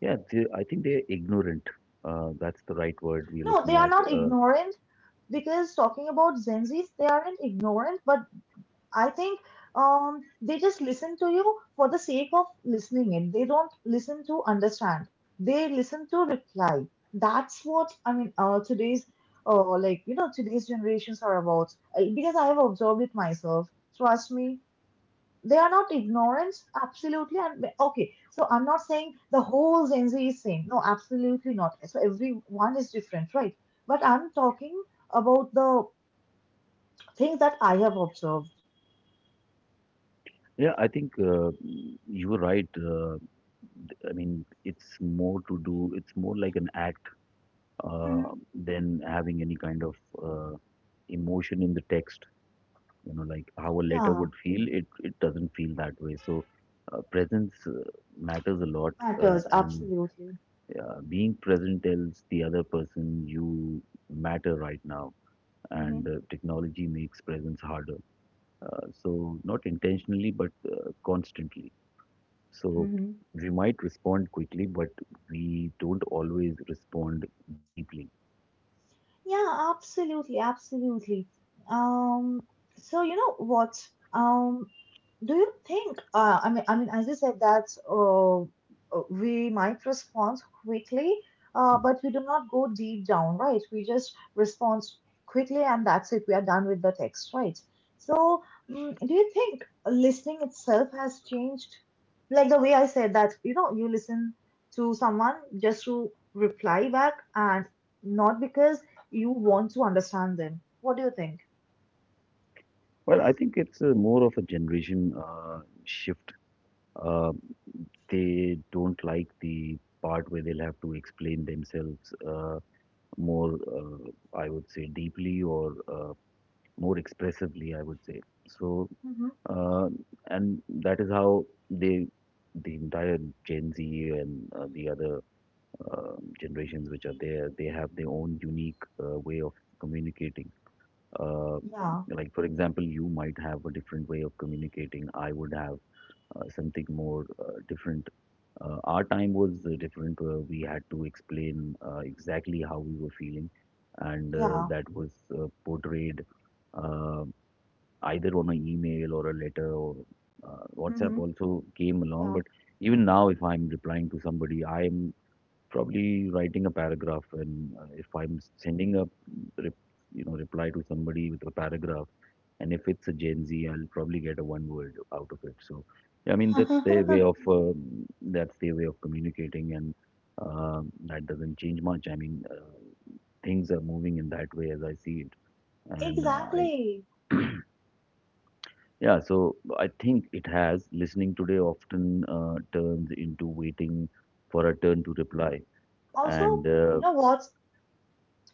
Speaker 2: yeah, they, I think they're ignorant. That's the right word we're
Speaker 1: No, they
Speaker 2: looking
Speaker 1: are
Speaker 2: at.
Speaker 1: not
Speaker 2: Uh,
Speaker 1: ignorant because, talking about Gen Zs, they aren't ignorant, but I think, they just listen to you for the sake of listening in. They don't listen to understand. They listen to reply. That's what I mean. Today's, like you know, today's generations are about. Because I have observed it myself. Trust me, they are not ignorant. Absolutely, and okay. So I'm not saying the whole Gen Z is same. No, absolutely not. So everyone is different, right? But I'm talking about the things that I have observed.
Speaker 2: yeah, I think you were right. I mean, it's more to do, it's more like an act
Speaker 1: Mhm.
Speaker 2: than having any kind of uh, emotion in the text. You know, like how a letter
Speaker 1: Yeah.
Speaker 2: would feel, it doesn't feel that way. So presence matters a lot, uh,
Speaker 1: Matters,
Speaker 2: and
Speaker 1: absolutely.
Speaker 2: uh, being present tells the other person you matter right now, and
Speaker 1: Hmm.
Speaker 2: technology makes presence harder, so not intentionally but constantly. So
Speaker 1: Hmm.
Speaker 2: we might respond quickly but we don't always respond deeply.
Speaker 1: Yeah, absolutely, absolutely. Um, so you know what? Um, do you think, I mean, as you said that, we might respond quickly, but we do not go deep down, right? We just respond quickly, and that's it. We are done with the text, right? So, do you think listening itself has changed? Like the way I said that, you know, you listen to someone just to reply back and not because you want to understand them. What do you think?
Speaker 2: Well, I think it's more of a generation shift. uh, they don't like the part where they'll have to explain themselves more, I would say, deeply or more expressively, I would say. So,
Speaker 1: Mm-hmm.
Speaker 2: uh, and that is how the entire Gen Z and the other generations which are there, they have their own unique way of communicating. Uh,
Speaker 1: Yeah,
Speaker 2: like, for example, you might have a different way of communicating. I would have something more different. Our time was different. We had to explain exactly how we were feeling, and
Speaker 1: yeah.
Speaker 2: that was portrayed uh, either on an email or a letter or WhatsApp
Speaker 1: Mm-hmm.
Speaker 2: also came along. But even now, if I'm replying to somebody, I'm probably writing a paragraph, and if I'm sending a rep- you know, reply to somebody with a paragraph, and if it's a Gen Z, I'll probably get a one word out of it. So, yeah, I mean, that's their way
Speaker 1: Yeah.
Speaker 2: of that's their way of communicating, and that doesn't change much. I mean, things are moving in that way as I see it,
Speaker 1: [LAUGHS]
Speaker 2: and I
Speaker 1: Exactly.
Speaker 2: yeah. So I think it has listening today often turns into waiting for a turn to reply,
Speaker 1: Also,
Speaker 2: and
Speaker 1: you
Speaker 2: uh,
Speaker 1: know what's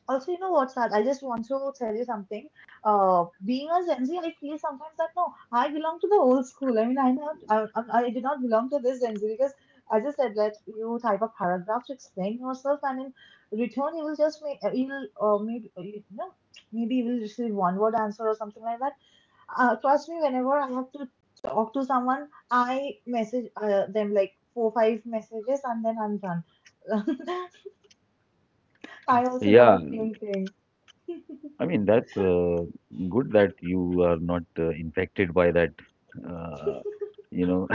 Speaker 1: also you know what's that? I just want to tell you something. Being a Gen Z, I feel sometimes that, no, I belong to the old school. I mean, I do not belong to this Gen Z because, as I just said, that you type a paragraph to explain yourself, and in return, you will just make you will maybe, maybe you will receive one word answer or something like that. Trust me, whenever I have to talk to someone, I message them like four, five messages, and then I'm done. [LAUGHS] I also do
Speaker 2: yeah,
Speaker 1: the same thing.
Speaker 2: I mean that's good that you are not infected by that. Uh, you know, [LAUGHS]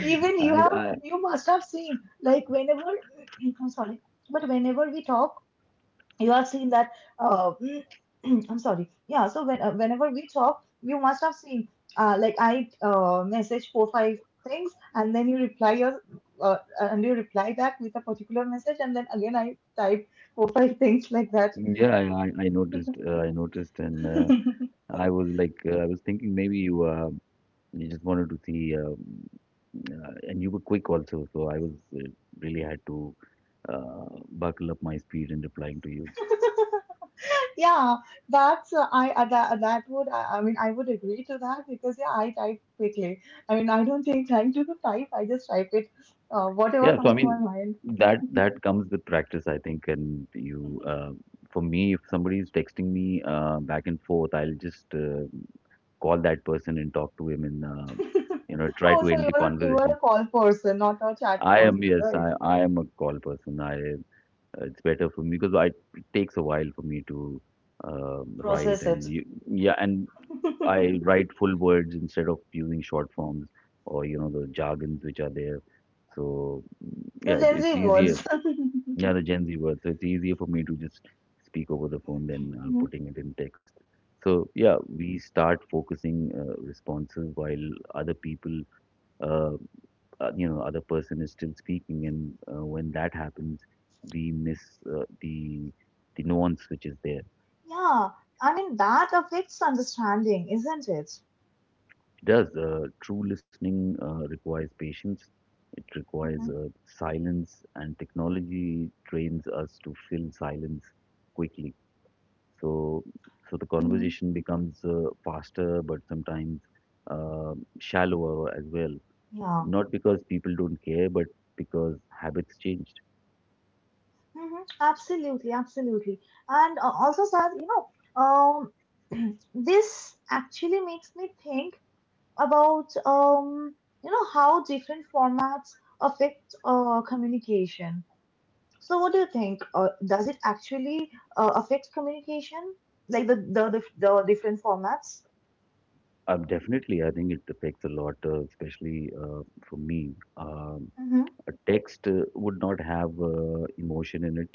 Speaker 1: Even you have,
Speaker 2: I
Speaker 1: you must have seen, like whenever, [CLEARS THROAT] I'm sorry, but whenever we talk, you have seen that, uh, [CLEARS THROAT] I'm sorry, yeah, so whenever we talk, you must have seen, like, I, message four five things, and then you reply your and you reply back with a particular message, and then again I type four five things like that.
Speaker 2: yeah, I noticed. I noticed, and I was like, I was thinking maybe you you just wanted to see, and you were quick also. So I was uh, really had to uh, buckle up my speed in replying to you.
Speaker 1: [LAUGHS] Yeah, that I mean, I would agree to that, because yeah, I type quickly. I mean, I don't take time to type, I just type it, whatever
Speaker 2: Yeah. So I
Speaker 1: comes to my
Speaker 2: mean,
Speaker 1: mind.
Speaker 2: that
Speaker 1: [LAUGHS]
Speaker 2: that comes with practice, I think. For me, if somebody is texting me back and forth, I'll just call that person and talk to him, and you know, try
Speaker 1: Oh,
Speaker 2: to
Speaker 1: so
Speaker 2: end the
Speaker 1: you're a you're
Speaker 2: conversation.
Speaker 1: a call person, not a chat
Speaker 2: I am,
Speaker 1: person,
Speaker 2: yes,
Speaker 1: right?
Speaker 2: I am a call person. I It's better for me because I it takes a while for me to write
Speaker 1: Process
Speaker 2: and
Speaker 1: it.
Speaker 2: yeah. And
Speaker 1: [LAUGHS]
Speaker 2: I write full words instead of using short forms or, you know, the jargons which are there. So mm, yeah,
Speaker 1: The Gen
Speaker 2: it's
Speaker 1: Z
Speaker 2: easier.
Speaker 1: words. [LAUGHS]
Speaker 2: Yeah, the Gen Z word. So it's easier for me to just speak over the phone than
Speaker 1: Mhm.
Speaker 2: putting it in text. So yeah, we start focusing responses while other people. uh, you know, other person is still speaking, and when that happens we miss the nuance which is there. It
Speaker 1: Yeah, I mean, that affects understanding, isn't it?
Speaker 2: does. True listening requires patience, it requires
Speaker 1: Hmm.
Speaker 2: silence, and technology trains us to fill silence quickly. So the
Speaker 1: Hmm.
Speaker 2: conversation becomes faster but sometimes shallower as well,
Speaker 1: Yeah.
Speaker 2: not because people don't care but because habits change.
Speaker 1: Hmm. Absolutely, absolutely. And also, Sad, um, [CLEARS THROAT] this actually makes me think about, how different formats affect communication. So, what do you think? Does it actually affect communication, like the different formats?
Speaker 2: Definitely, I think it affects a lot, especially for me.
Speaker 1: Mm-hmm.
Speaker 2: A text would not have emotion in it,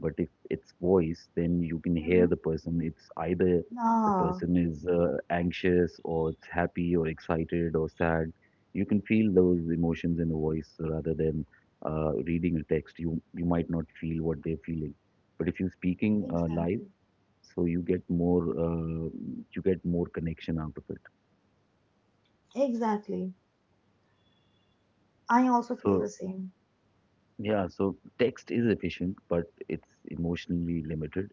Speaker 2: but if it's voice, then you can hear
Speaker 1: Mm-hmm.
Speaker 2: the person. It's either the
Speaker 1: Ah,
Speaker 2: person is anxious, or it's happy, or excited, or sad. You can feel those emotions in the voice rather than reading a text. You might not feel what they're feeling, but if you're speaking live,
Speaker 1: exactly,
Speaker 2: so you get more connection out of it.
Speaker 1: exactly. I also feel the
Speaker 2: So
Speaker 1: same.
Speaker 2: yeah, so text is efficient, but it's emotionally limited.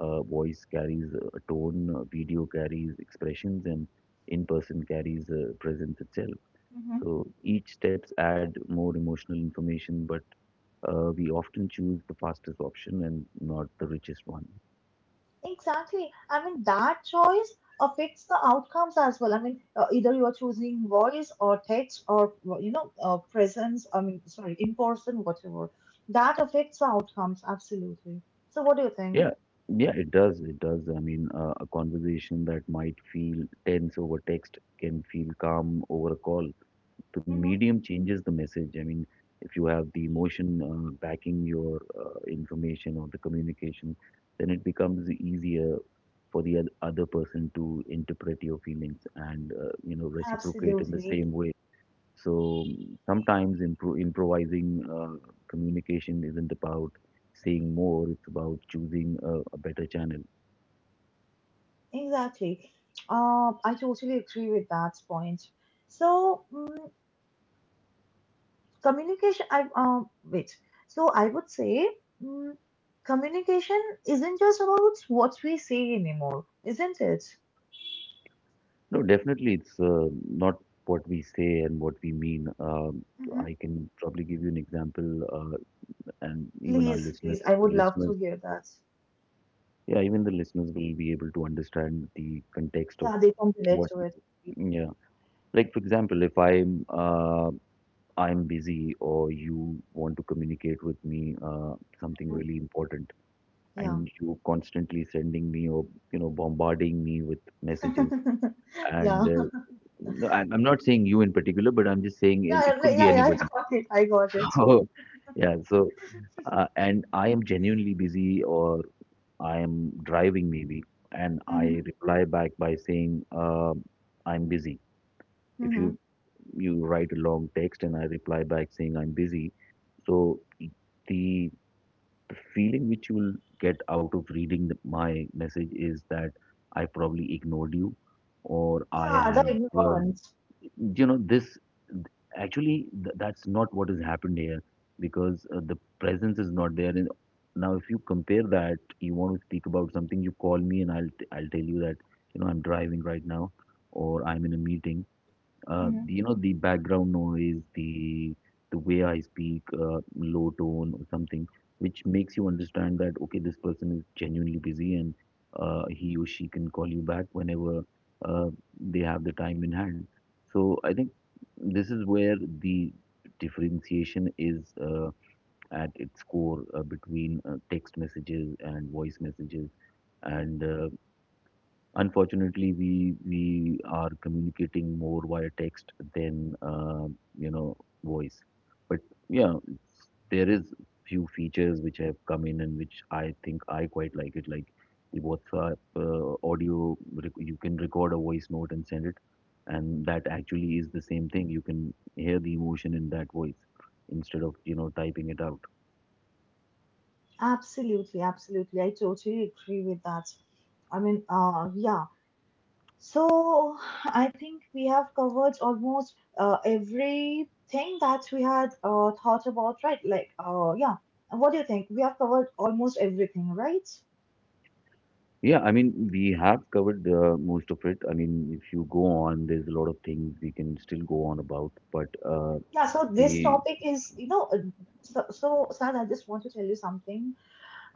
Speaker 2: Voice carries a tone, video carries expressions, and in-person carries presence itself.
Speaker 1: Mm-hmm.
Speaker 2: So each steps add more emotional information, but we often choose the fastest option and not the richest one.
Speaker 1: Exactly. I mean, that choice affects the outcomes as well. I mean, either you are choosing voice or text or, well, presence. I mean, sorry, in person, whatever. That affects the outcomes absolutely. So, what do you think?
Speaker 2: Yeah, yeah, it does. It does. I mean, a conversation that might feel tense over text can feel calm over a call. The
Speaker 1: Mm-hmm.
Speaker 2: medium changes the message. I mean, if you have the emotion backing your information or the communication, then it becomes easier for the other person to interpret your feelings and, you know, reciprocate in the
Speaker 1: Absolutely.
Speaker 2: same way. So mm, sometimes improvising communication isn't about saying more; it's about choosing a better channel.
Speaker 1: Exactly. I totally agree with that point. So, communication, I, wait. So, I would say, mm communication isn't just about what we say anymore, isn't it?
Speaker 2: No, definitely, it's not what we say and what we mean.
Speaker 1: Mm-hmm.
Speaker 2: I can probably give you an example. Uh, and even our
Speaker 1: Please, please, I would love to
Speaker 2: listeners,
Speaker 1: hear that.
Speaker 2: yeah, even the listeners will be able to understand the context of
Speaker 1: Yeah, they can relate
Speaker 2: what,
Speaker 1: to it.
Speaker 2: yeah. Like, for example, if I'm busy or you want to communicate with me something
Speaker 1: Mhm.
Speaker 2: really important,
Speaker 1: Yeah.
Speaker 2: and you constantly sending me or, you know, bombarding me with messages,
Speaker 1: [LAUGHS] Yeah.
Speaker 2: and no, I'm not saying you in particular, but I'm just saying it
Speaker 1: Yeah,
Speaker 2: could be
Speaker 1: yeah, yeah, I
Speaker 2: anybody.
Speaker 1: got it. I got it.
Speaker 2: [LAUGHS] So, yeah, so and I am genuinely busy or I am driving maybe, and
Speaker 1: Mm-hmm.
Speaker 2: I reply back by saying, I'm busy. If
Speaker 1: Mm-hmm.
Speaker 2: you write a long text and I reply back saying I'm busy, so the feeling which you will get out of reading my message is that I probably ignored you, or I
Speaker 1: Yeah, the
Speaker 2: have uh,
Speaker 1: ignorance.
Speaker 2: you know, this actually that's not what has happened here because the presence is not there. And now if you compare, that you want to speak about something, you call me and I'll tell you that, you know, I'm driving right now or I'm in a meeting. Uh, you know, the background noise, the way I speak, low tone or something, which makes you understand that, okay, this person is genuinely busy, and he or she can call you back whenever uh, they have the time in hand. So I think this is where the differentiation is, at its core, between text messages and voice messages. And unfortunately, we are communicating more via text than you know, voice. But yeah, it's- there is few features which have come in and which I think I quite like it, like the WhatsApp audio. You can record a voice note and send it, and that actually is the same thing. You can hear the emotion in that voice instead of, you know, typing it out.
Speaker 1: Absolutely, absolutely. I totally agree with that. I mean, yeah. So I think we have covered almost everything that we had thought about, right? Like, yeah. What do you think? We have covered almost everything, right?
Speaker 2: Yeah, I mean, we have covered most of it. I mean, if you go on, there's a lot of things we can still go on about. But
Speaker 1: Yeah. So this
Speaker 2: the
Speaker 1: topic is, so, Sad, I just want to tell you something.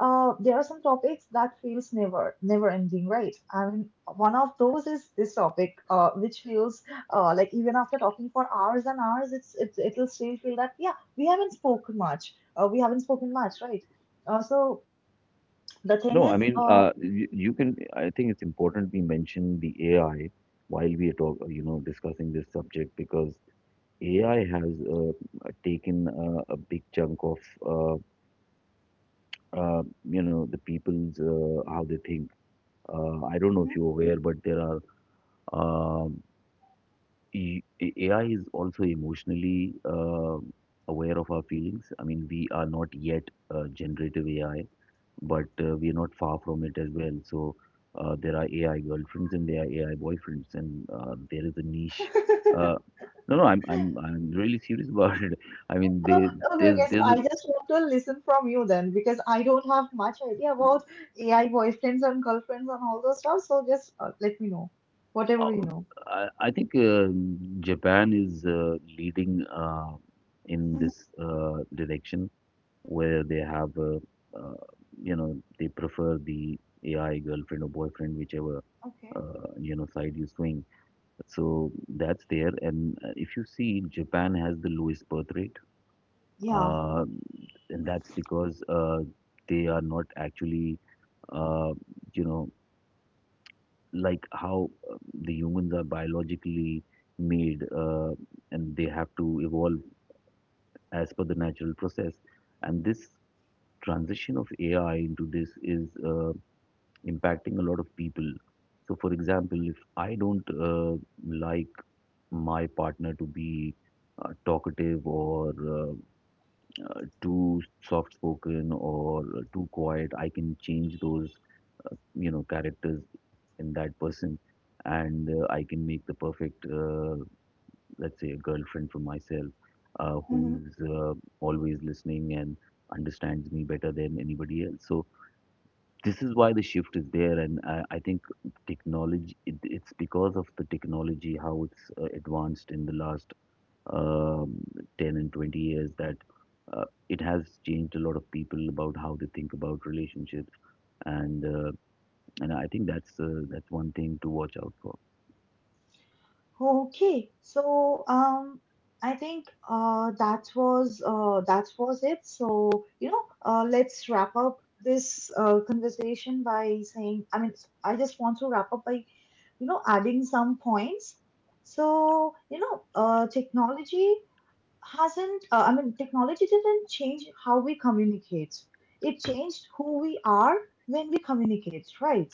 Speaker 1: There are some topics that feels never never ending, right? I mean, one of those is this topic, which feels, like, even after talking for hours and hours, it'll still feel that yeah, we haven't spoken much. We haven't spoken much, right? So the thing
Speaker 2: no, I
Speaker 1: is,
Speaker 2: mean, you, you can. I think it's important we mention the AI while we are you know, discussing this subject because AI has taken a big chunk of uh, you know, the people's how they think. I don't know if
Speaker 1: Mhm.
Speaker 2: you're aware, but there are. um AI is also emotionally aware of our feelings. I mean, we are not yet generative AI, but we are not far from it as well. So there are AI girlfriends and there are AI boyfriends, and there is a niche. Uh,
Speaker 1: [LAUGHS]
Speaker 2: no, I'm really serious about it. [LAUGHS] I mean,
Speaker 1: Oh,
Speaker 2: there
Speaker 1: okay, okay.
Speaker 2: there's
Speaker 1: So I
Speaker 2: a
Speaker 1: just want to listen from you then because I don't have much idea about AI boyfriends and girlfriends and all those stuff. So just let me know
Speaker 2: uh,
Speaker 1: whatever you know.
Speaker 2: I think Japan is leading in
Speaker 1: Mhm.
Speaker 2: this direction where they have uh, you know they prefer the AI girlfriend or boyfriend whichever
Speaker 1: Okay.
Speaker 2: you know side you swing, so that's there. And if you see, Japan has the lowest birth rate,
Speaker 1: Yeah.
Speaker 2: uh, and that's because they are not actually uh, you know like how the humans are biologically made, and they have to evolve as per the natural process, and this transition of AI into this is impacting a lot of people. So, for example, if I don't like my partner to be talkative or too soft spoken or too quiet, I can change those, you know, characters in that person, and I can make the perfect, let's say, a girlfriend for myself, who's always listening and understands me better than anybody else. So this is why the shift is there. And I think technology, it's because of the technology how it's advanced in the last um, 10 and 20 years that it has changed a lot of people about how they think about relationships. And I think that's one thing to watch out for.
Speaker 1: Okay, so I think that was it. So let's wrap up this conversation by saying, I mean, I just want to wrap up by adding some points. So technology hasn't. I mean, technology didn't change how we communicate. It changed who we are when we communicate, right?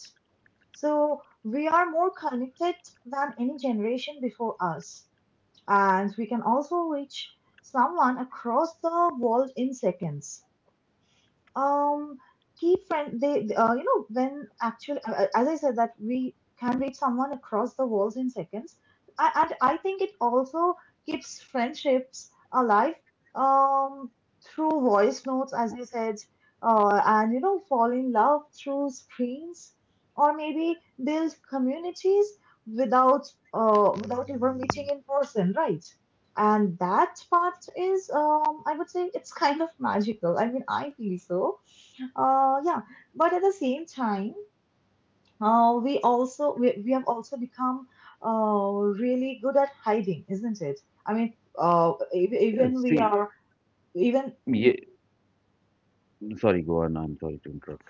Speaker 1: So we are more connected than any generation before us, and we can also reach someone across the world in seconds. um keep friend they when actually as I said that we can reach someone across the world in seconds. And I think it also keeps friendships alive um through voice notes, as you said, and fall in love through screens, or maybe build communities without without ever meeting in person, right? And that part is, I would say, it's [LAUGHS] kind of magical. I mean, I feel so, yeah. But at the same time, we have also become uh, really good at hiding, isn't it? I mean, uh, ev-
Speaker 2: Yeah,
Speaker 1: even we
Speaker 2: see.
Speaker 1: are even.
Speaker 2: Yeah, sorry, go on, I'm sorry to interrupt.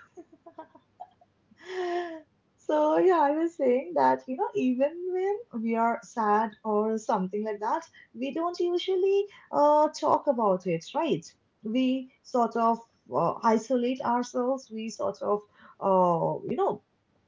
Speaker 1: So yeah, I was saying that, you know, even when we are sad or something like that, we don't usually talk about it, right? We sort of isolate ourselves. We sort of uh, you know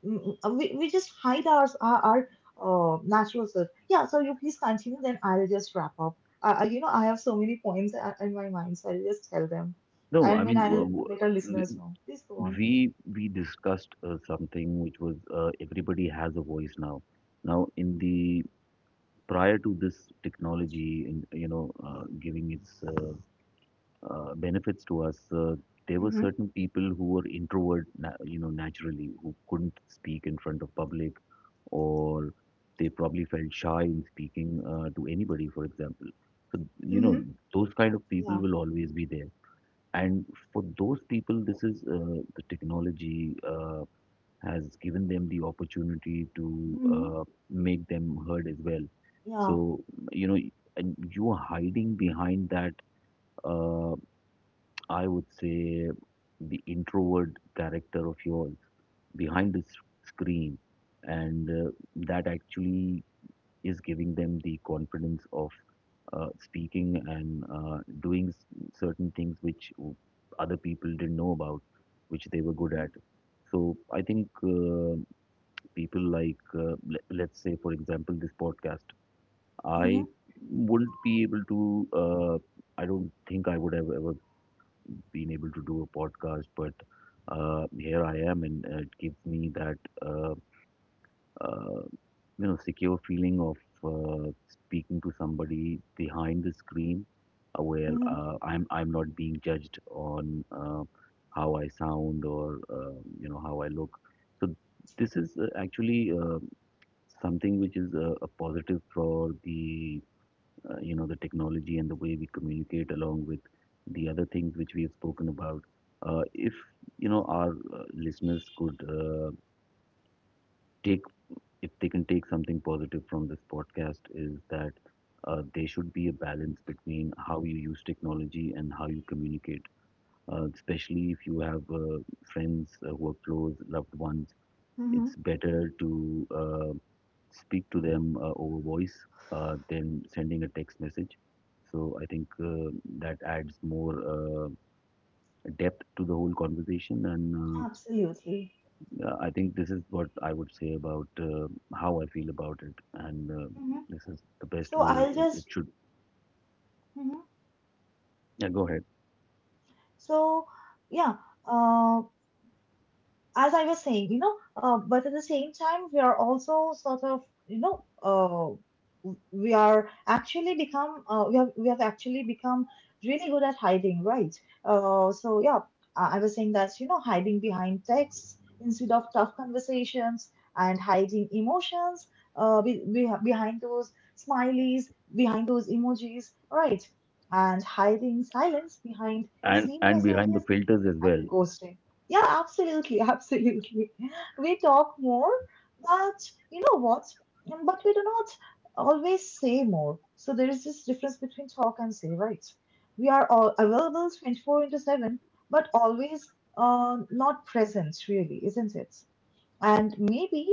Speaker 1: we just hide our natural self. Yeah. So you please continue, then I'll just wrap up. You know, I have so many points in my mind, so I'll just tell them.
Speaker 2: No,
Speaker 1: I
Speaker 2: I
Speaker 1: mean,
Speaker 2: mean
Speaker 1: I'll let our listeners
Speaker 2: w-
Speaker 1: know. Please go on.
Speaker 2: we discussed something which was everybody has a voice now. Now in the Prior to this technology and you know giving its benefits to us, there were
Speaker 1: Mm-hmm.
Speaker 2: certain people who were introvert, you know, naturally, who couldn't speak in front of public, or they probably felt shy in speaking to anybody, for example. So you know,
Speaker 1: Mm-hmm.
Speaker 2: those kind of people
Speaker 1: Yeah.
Speaker 2: will always be there, and for those people this is the technology has given them the opportunity to
Speaker 1: Mhm.
Speaker 2: make them heard as well.
Speaker 1: Yeah.
Speaker 2: So, you know, and you are hiding behind that, uh, I would say, the introvert character of yours behind the screen. And that actually is giving them the confidence of speaking and doing certain things which other people didn't know about, which they were good
Speaker 1: Mhm.
Speaker 2: at. So I think. People like let's say, for example, this podcast, I
Speaker 1: Mhm.
Speaker 2: wouldn't be able to uh, I don't think I would have ever been able to do a podcast, but here I am, and it gives me that uh, uh, you know, secure feeling of speaking to somebody behind the screen, where
Speaker 1: Mhm.
Speaker 2: I'm not being judged on uh, how I sound or you know how I look. So this is actually something which is a positive for the you know, the technology and the way we communicate, along with the other things which we have spoken about. If you know our listeners could take, if they can take something positive from this podcast, is that there should be a balance between how you use technology and how you communicate, especially if you have friends who are close loved ones.
Speaker 1: Mhm.
Speaker 2: It's better to speak to them over voice than sending a text message. So I think that adds more depth to the whole conversation. And
Speaker 1: Absolutely.
Speaker 2: I think this is what I would say about how I feel about it, and
Speaker 1: Mhm.
Speaker 2: this is the best
Speaker 1: So
Speaker 2: way
Speaker 1: I'll
Speaker 2: it
Speaker 1: just.
Speaker 2: should.
Speaker 1: Mhm.
Speaker 2: Yeah, go ahead.
Speaker 1: So yeah. Uh, as I was saying, you know, but at the same time, we are also sort of, you know, we have actually become really good at hiding, right? So yeah, I was saying that, you know, hiding behind texts instead of tough conversations, and hiding emotions, behind those smileys, behind those emojis, right? And hiding silence behind scene
Speaker 2: And behind the
Speaker 1: messages
Speaker 2: filters as well.
Speaker 1: and ghosting. Yeah, absolutely, [LAUGHS] absolutely. We talk more, but you know what? But we do not always say more. So there is this difference between talk and say, right? We are all available 24/7, but always not present, really, isn't it? And maybe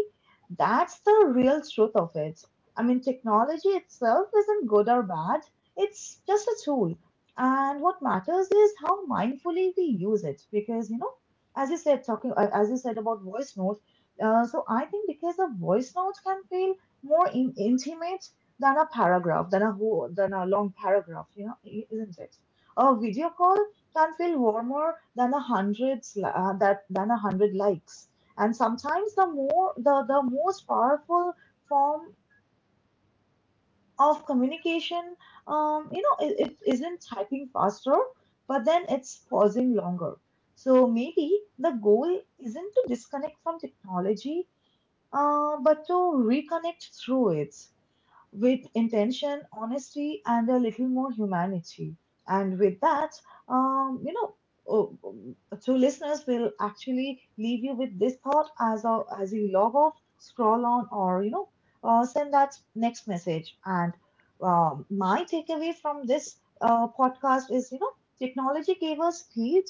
Speaker 1: that's the real truth of it. I mean, technology itself isn't good or bad, it's just a tool. And what matters is how mindfully we use it. Because, you know, as you said, talking, as you said about voice notes, so I think because a voice note can feel intimate than a paragraph, than a long paragraph, you know, isn't it? A video call can feel warmer than 100, than 100 likes. And sometimes the more the most powerful form of communication, you know, it isn't typing faster, but then it's pausing longer. So maybe the goal isn't to disconnect from technology, but to reconnect through it with intention, honesty, and a little more humanity. And with that, um, you know, oh, um, to listeners, will actually leave you with this thought as a, as you log off, scroll on, or send that next message. And my takeaway from this podcast is, you know, technology gave us speed,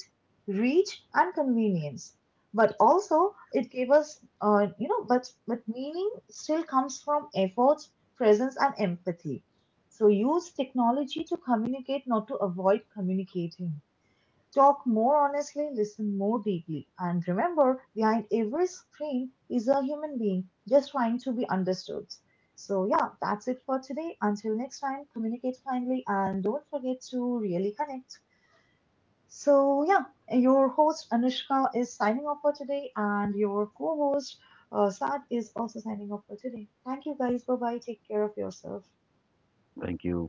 Speaker 1: reach, and convenience. But also, it gave us, you know, but meaning still comes from efforts, presence, and empathy. So use technology to communicate, not to avoid communicating. Talk more honestly, listen more deeply, and remember, behind every screen is a human being just trying to be understood. So yeah, that's it for today. Until next time, communicate kindly and don't forget to really connect. So yeah, your host Anushka is signing off for today, and your co host Saad is also signing off for today. Thank you guys. Bye bye. Take care of yourself.
Speaker 2: Thank you.